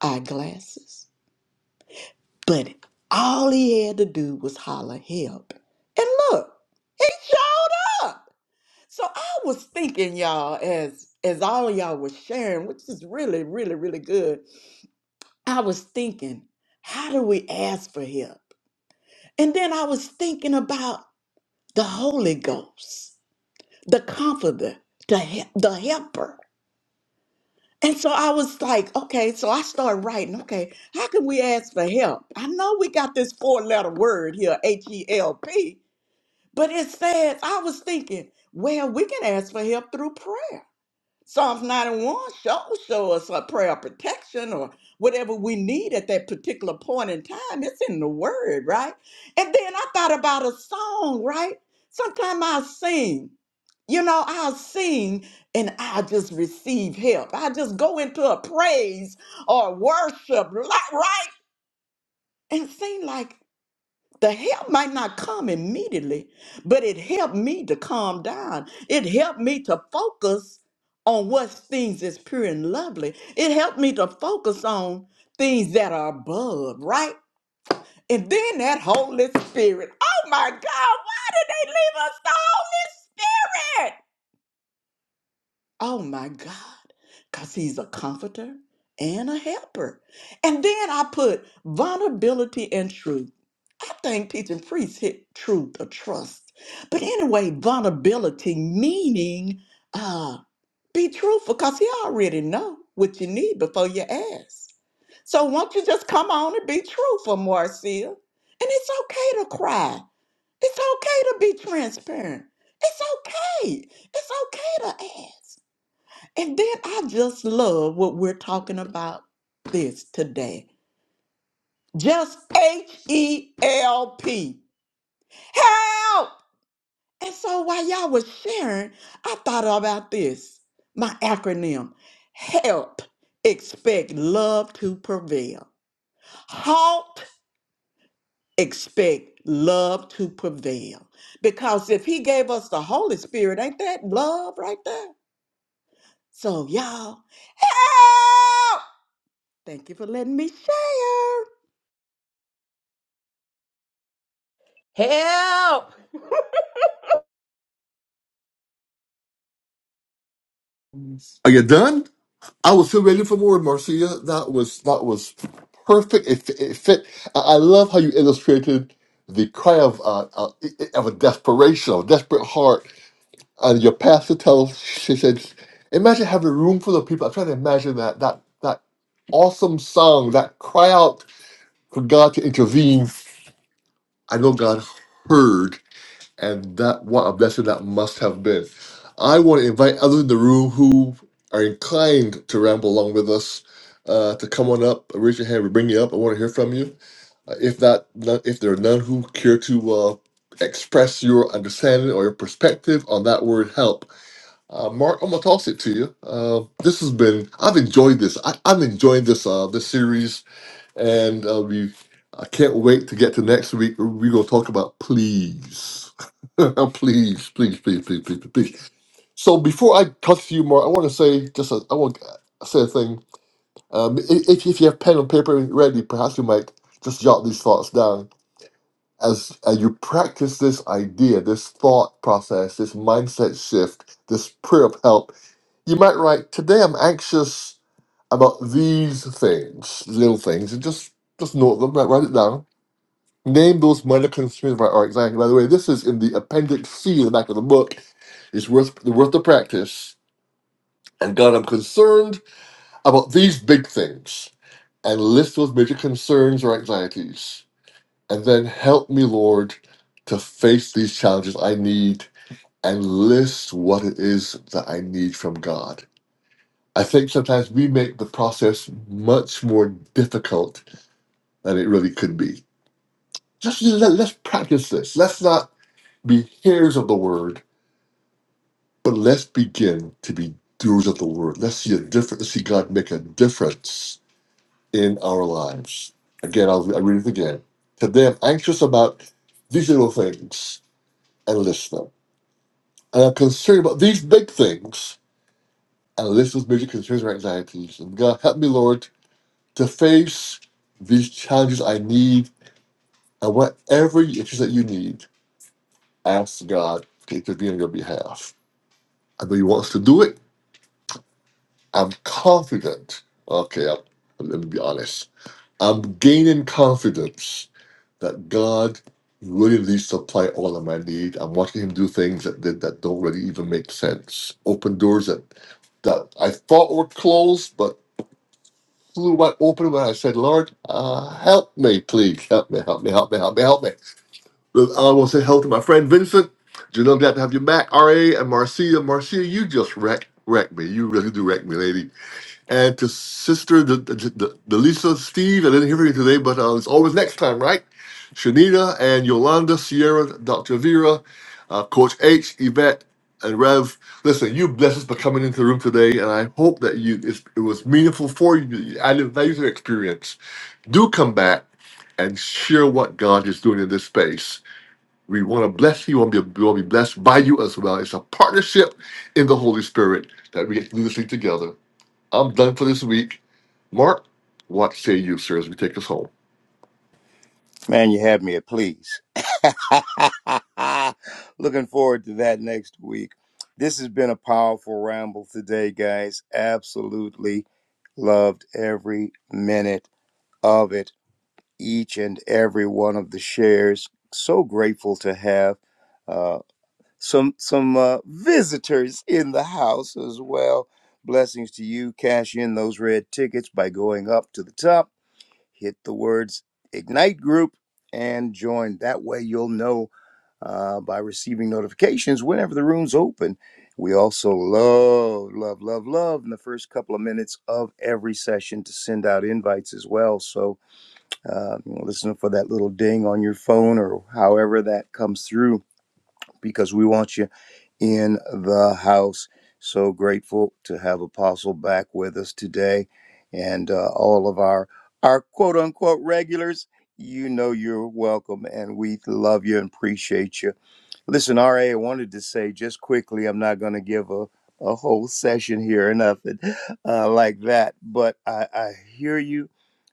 G: eyeglasses. But all he had to do was holler help. And look, he showed up. So I was thinking, y'all, as as all y'all was sharing, which is really, really, really good. I was thinking, how do we ask for help? And then I was thinking about the Holy Ghost, the comforter, the, he- the helper. And so I was like, okay, so I started writing, okay, how can we ask for help? I know we got this four letter word here, H E L P, but it says, I was thinking, well, we can ask for help through prayer. Psalms 91 show, show us a prayer of protection or whatever we need at that particular point in time. It's in the word, right? And then I thought about a song, right? Sometimes I'll sing. You know, I'll sing and I'll just receive help. I just go into a praise or worship, li- right? And it seemed like the help might not come immediately, but it helped me to calm down. It helped me to focus on what things is pure and lovely. It helped me to focus on things that are above, right? And then that Holy Spirit. Oh my God, why did they leave us the Holy Spirit? Oh my God, because he's a comforter and a helper. And then I put vulnerability and truth. I think teaching priests hit truth or trust. But anyway, vulnerability meaning uh, be truthful because he already know what you need before you ask. So won't you just come on and be truthful, Marcia? And it's okay to cry. It's okay to be transparent. It's okay. It's okay to ask. And then I just love what we're talking about this today. Just H E L P. Help! And so while y'all was sharing, I thought about this my acronym HELP, expect love to prevail. HALT, expect love to prevail. Because if He gave us the Holy Spirit, ain't that love right there? So, y'all, help! Thank you for letting me share.
D: Help.
A: are you done? I was so ready for more, Marcia. That was that was perfect. It, fit- it fit. I, I love how you illustrated the cry of uh, uh, of a desperation, of a desperate heart. And your pastor tells, she said, imagine having a room full of people. I'm trying to imagine that that that awesome song, that cry out for God to intervene. I know God heard and that what a blessing that must have been. I want to invite others in the room who are inclined to ramble along with us uh, to come on up, raise your hand, we bring you up. I want to hear from you. Uh, If that, if there are none who care to uh, express your understanding or your perspective on that word help, uh, Mark, I'm gonna toss it to you. Uh, this has been, I've enjoyed this. I, I'm enjoying this uh, this series and uh, we I can't wait to get to next week. We're gonna talk about please, please, please, please, please, please, please. So before I touch you, more, I want to say just a, I want to say a thing. Um, i- if if you have pen and paper ready, perhaps you might just jot these thoughts down as as you practice this idea, this thought process, this mindset shift, this prayer of help. You might write today. I'm anxious about these things, little things, and just just note them, write, write it down Name those minor concerns by art. Exactly. By the way, this is in the appendix C in the back of the book. It's worth worth the practice. And God, I'm concerned about these big things. And list those major concerns or anxieties. And then help me, Lord, to face these challenges I need and list what it is that I need from God. I think sometimes we make the process much more difficult than it really could be. Just let, let's practice this. Let's not be hearers of the word, but let's begin to be doers of the word. Let's see a difference. Let's see God make a difference in our lives. Again, I'll, i read it again. Today, I'm anxious about these little things and list them. And I'm concerned about these big things and list those major concerns or anxieties. And God, help me, Lord, to face these challenges I need and whatever issues that you need, ask God to intervene on your behalf. I know He wants to do it. I'm confident. Okay, I'm, let me be honest. I'm gaining confidence that God really needs to supply all of my need. I'm watching Him do things that that, that don't really even make sense. Open doors that that I thought were closed, but flew wide open when I said, "Lord, uh, help me, please, help me, help me, help me, help me, help me." Look, I want to say hello to my friend Vincent. Janelle, glad to have you back. Ra and Marcia, Marcia, you just wreck wreck me. You really do wreck me, lady and to sister the, the, the, the Lisa, Steve. I didn't hear from you today, but uh, it's always next time, right? Shanita and Yolanda, Sierra, Dr. Vera, uh, Coach H, Yvette, and Rev. Listen, you bless us for coming into the room today, and I hope that you it's, it was meaningful for you. You Added value to the experience. Do come back and share what God is doing in this space. We want to bless you. We want to be, we want to be blessed by you as well. It's a partnership in the Holy Spirit that we get to do this thing together. I'm done for this week. Mark, what say you, sir, as we take us home?
C: Man, you had me at please. Looking forward to that next week. This has been a powerful ramble today, guys. Absolutely loved every minute of it, each and every one of the shares. So grateful to have uh, some some uh, visitors in the house as well. Blessings to you. Cash in those red tickets by going up to the top hit the words Ignite Group and join. That way, you'll know uh, by receiving notifications whenever the room's open. We also love, love, love, love in the first couple of minutes of every session to send out invites as well. So, uh, listen for that little ding on your phone or however that comes through because we want you in the house. So grateful to have Apostle back with us today and uh, all of our, our quote unquote regulars. You know you're welcome and we love you and appreciate you. Listen, RA, I wanted to say just quickly, I'm not going to give a, a whole session here or nothing uh, like that, but I, I hear you.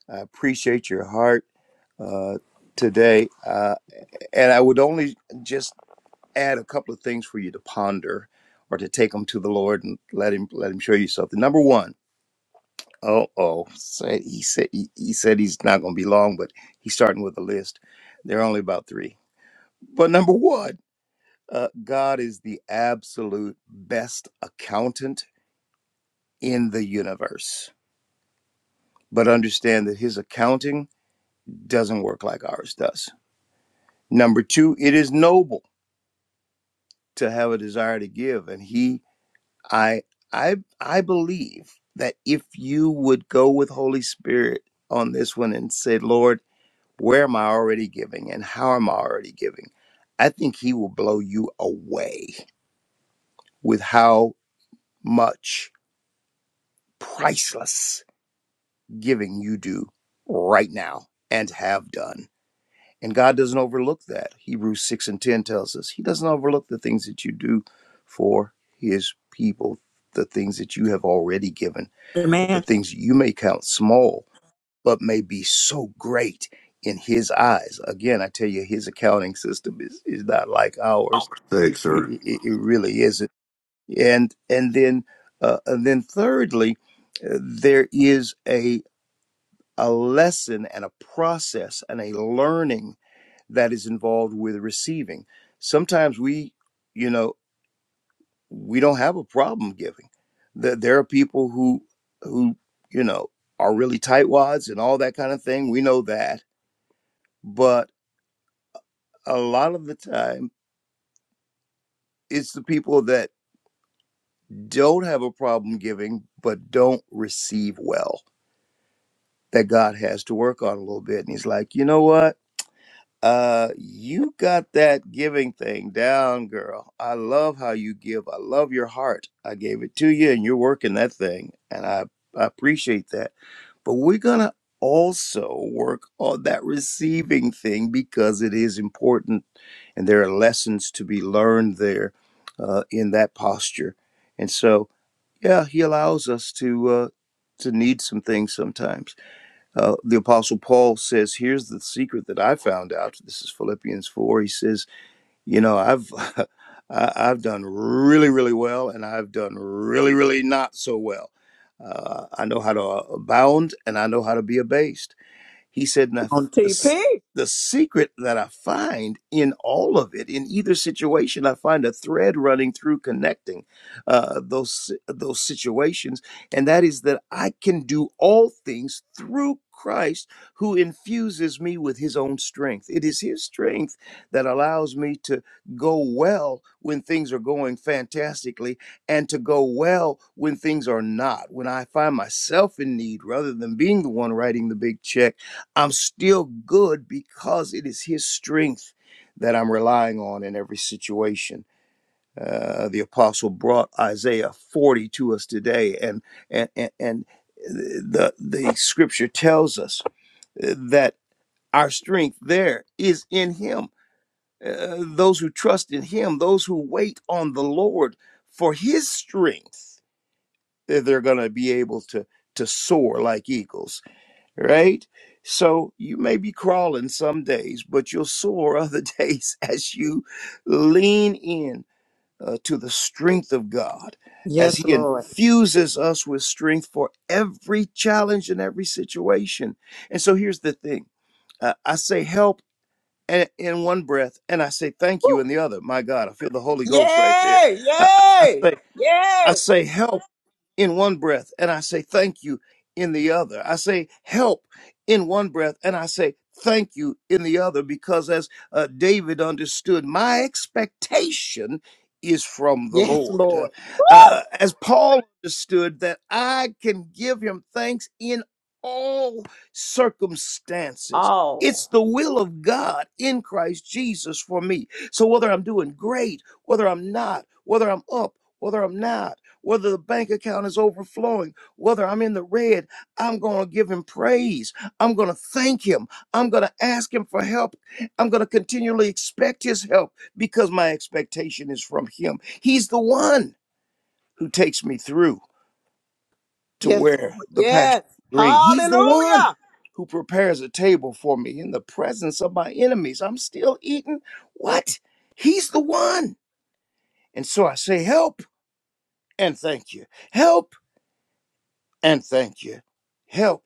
C: I appreciate your heart uh, today. Uh, and I would only just add a couple of things for you to ponder or to take them to the Lord and let him let him show you something. Number one, oh oh, said he said he, he said he's not going to be long, but he's starting with a list. There are only about three. But number one, uh, God is the absolute best accountant in the universe. But understand that his accounting doesn't work like ours does. Number two, it is noble to have a desire to give, and he I I I believe that if you would go with Holy Spirit on this one and say, Lord, where am I already giving and how am I already giving? I think he will blow you away with how much priceless giving you do right now and have done. And God doesn't overlook that. Hebrews 6 and 10 tells us he doesn't overlook the things that you do for his people, the things that you have already given the
G: man
C: things you may count small, but may be so great in his eyes. Again, I tell you, his accounting system is, is not like ours.
A: Thanks, sir.
C: It, it, it really isn't. And and then uh, and then thirdly, uh, there is a a lesson and a process and a learning that is involved with receiving. Sometimes we, you know we don't have a problem giving. There, there are people who who you know are really tightwads and all that kind of thing. We know that, but a lot of the time, it's the people that don't have a problem giving but don't receive well that God has to work on a little bit. And He's like, you know what? Uh, you got that giving thing down, girl. I love how you give. I love your heart. I gave it to you, and you're working that thing, and I I appreciate that but we're going to also work on that receiving thing because it is important and there are lessons to be learned there uh, in that posture and so yeah he allows us to uh, to need some things sometimes uh, the apostle paul says here's the secret that i found out this is philippians 4 he says you know i've I- i've done really really well and i've done really really not so well uh, i know how to abound and i know how to be abased he said, now,
G: on
C: the,
G: TP.
C: the secret that I find in all of it, in either situation, I find a thread running through connecting uh, those, si, those situations. And that is that I can do all things through Christ who infuses me with his own strength. It is his strength that allows me to go well when things are going fantastically and to go well when things are not. When I find myself in need rather than being the one writing the big check I'm still good because it is His strength that I'm relying on in every situation. Uh, the apostle brought Isaiah 40 to us today, and and and, and the the scripture tells us uh, that our strength there is in Him. Uh, those who trust in Him, those who wait on the Lord for His strength, they're going to be able to to soar like eagles right? So you may be crawling some days, but you'll soar other days as you lean in uh, to the strength of God, as
G: Yes,
C: He
G: Lord.
C: infuses us with strength for every challenge and every situation. And so here's the thing uh, I say help. a- In one breath, and I say thank you
D: Woo.
C: in the other. My God, I feel the Holy Ghost right there.
G: Yay!
C: I, I I
G: Yay!
C: say, I
G: Yay!
C: say help in one breath and I say thank you in the other. I say help in one breath and I say thank you in the other because as uh, David understood, my expectation is from the
G: Yes,
C: Lord. Uh,
G: Lord.
C: uh, as Paul understood that I can give him thanks in all circumstances.
D: Oh,
C: It's the will of God in Christ Jesus for me. So whether I'm doing great, whether I'm not, whether I'm up, whether I'm not, whether the bank account is overflowing, whether I'm in the red, I'm going to give him praise. I'm going to thank him. I'm going to ask him for help. I'm going to continually expect his help because my expectation is from him. He's the one who takes me through to
G: Yes, Lord.
C: where the pasture
G: Yes.
C: is green. He's the one
G: Hallelujah.
C: who prepares a table for me in the presence of my enemies. I'm still eating. What? He's the one. And so I say, help and thank you. Help and thank you. Help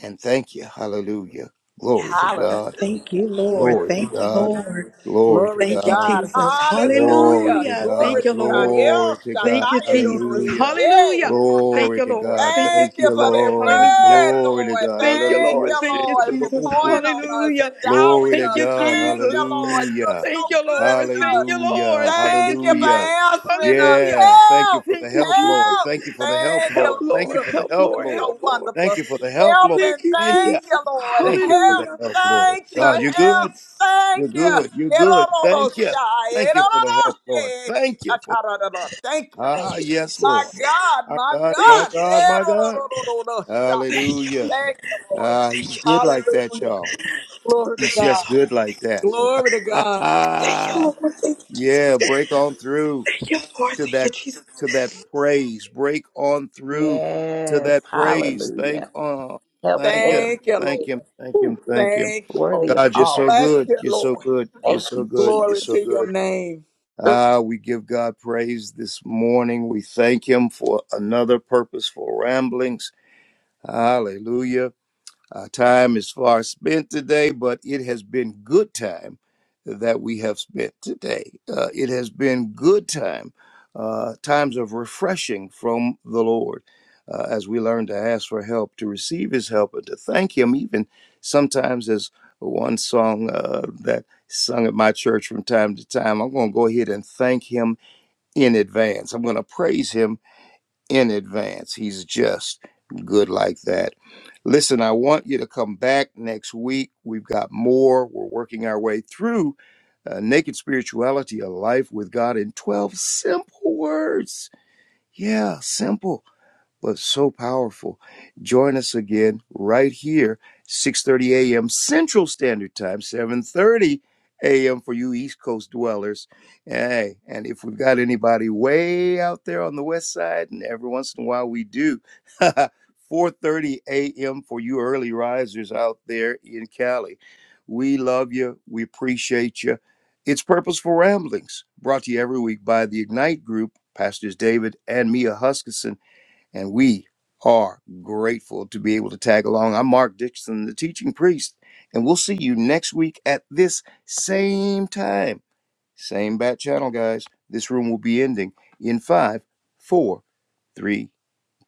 C: and thank you. Hallelujah. Glory
F: Yes,
C: to
D: hallelujah.
F: God.
C: God.
F: Thank you, Lord.
C: Glory to
F: Thank you,
C: God.
F: Lord.
C: Glory to
G: Glory to
F: Thank you,
C: God.
G: God.
F: Jesus.
C: Glory
G: Hallelujah.
C: to
F: Hallelujah. Thank
C: God.
G: Glory
F: you,
G: to God.
F: Lord.
C: Glory
G: El
C: to God.
F: Thank you,
G: Shaddai
F: Jesus.
C: Hallelujah.
G: Elohim.
F: Hallelujah. Thank
C: Glory
F: you,
C: to
F: Lord.
C: God.
F: Thank you,
C: Thank
G: Thank you
C: you,
G: for
F: Jesus.
G: that
C: Lord.
F: Hallelujah.
G: word,
C: Glory to
G: Lord.
C: God.
F: Thank you,
G: Thank
C: Hallelujah.
F: Lord.
G: you,
F: Thank you,
G: Lord, for
F: Jesus.
G: pouring on us,
F: Hallelujah.
G: endowing
C: Glory to
F: Thank
G: us.
F: you,
C: God.
G: Thank
F: Jesus.
G: you, Lord. You're
C: Hallelujah.
F: Thank
G: so
F: you,
G: good
F: Lord.
G: to
F: Thank
G: us.
F: you,
C: Hallelujah.
F: Lord. Thank you,
G: Thank you for
C: Hallelujah.
F: Jesus.
G: answering us.
F: Hallelujah.
C: Yeah, thank you
G: Help!
C: for the
F: Thank you,
C: help, Lord.
F: Jesus.
G: Help!
C: Thank you for the help,
G: Thank you,
F: Help,
C: Lord.
G: Lord.
C: Thank you
F: Lord.
G: You're,
C: for the
F: Help,
C: help,
F: Lord.
G: you're
F: Help,
C: Lord.
G: so
F: Lord.
C: Thank
G: wonderful.
C: you for the help,
G: Help
C: Lord.
G: and
F: Thank you,
C: Thank you.
G: thank
F: Jesus.
G: you, Lord.
C: Thank you for
G: Help!
C: the
F: Hallelujah.
C: help, Lord.
G: Thank you.
F: Thank
C: God,
F: you,
C: you're good.
G: Help!
F: Jesus.
C: You're
G: Thank you.
C: good. You're good. Thank you. Thank you for the help, Lord. Thank you for
G: Thank you, Lord.
F: Thank
C: Ah,
F: you,
C: yes,
G: My
C: Lord.
F: Jesus.
G: God,
C: My
G: my
C: God, my
G: God.
F: Thank you,
C: God,
F: Jesus.
C: my God.
F: Thank you,
C: Hallelujah.
F: Lord.
G: Thank you, Lord.
C: Ah,
F: Thank
C: he's
F: you,
C: good
F: Jesus.
C: like that,
G: Hallelujah.
C: y'all.
G: Glory to
C: He's
F: Thank you,
G: God.
C: just
F: Lord.
C: good like that.
G: Glory to God.
F: Thank you, Lord. Thank you, Jesus.
C: yeah, break on through.
F: Thank you, Lord.
C: to
F: Thank you,
C: that
F: Jesus.
C: to that praise. Break on through to
D: Yes,
C: that praise. Thank
D: hallelujah.
C: uh
D: Help
C: thank
D: and
C: him.
G: Thank you,
D: thank
C: Thank
G: Lord.
D: you.
C: him. Thank him.
D: Woo.
C: Thank him.
G: Thank you, Lord.
D: Worthy of
C: God, you're
G: We
D: all
C: so
G: bless
D: praise.
C: good.
G: you,
C: You're so
G: Lord.
C: good. You're
D: Thank
C: so
D: you,
C: good. You're
G: Glory
C: so
D: Jesus.
G: to your
C: good.
G: name.
C: Ah, we give God praise this morning. We thank him for another purposeful ramblings. Hallelujah. Our time is far spent today, but it has been good time that we have spent today. Uh, it has been good time, uh, times of refreshing from the Lord uh, as we learn to ask for help, to receive His help, and to thank Him, even sometimes as one song uh, that sung at my church from time to time. I'm going to go ahead and thank Him in advance. I'm going to praise Him in advance. He's just good like that. Listen, I want you to come back next week. We've got more. We're working our way through uh, Naked Spirituality, a life with God in 12 simple words. Yeah, simple but so powerful. Join us again right here, 6:30 a.m. Central Standard Time, 7:30 a.m. for you East Coast dwellers. Hey, and if we've got anybody way out there on the west side, and every once in a while we do, 4:30 a.m. for you early risers out there in Cali. We love you. We appreciate you. It's Purposeful Ramblings, brought to you every week by the Ignite Group, Pastors David and Mia Huskisson and we are grateful to be able to tag along. I'm Mark Dixon, the teaching priest, and we'll see you next week at this same time, same bat channel, guys. This room will be ending in five, four, three,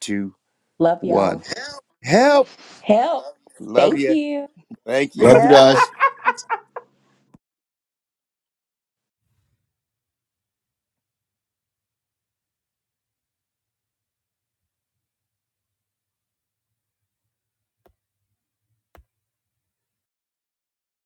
C: two,
D: Love y'all.
C: one. Help!
D: Help.
C: Love
D: Thank
C: you.
D: you.
C: Thank you.
A: Love you
F: Help.
A: guys.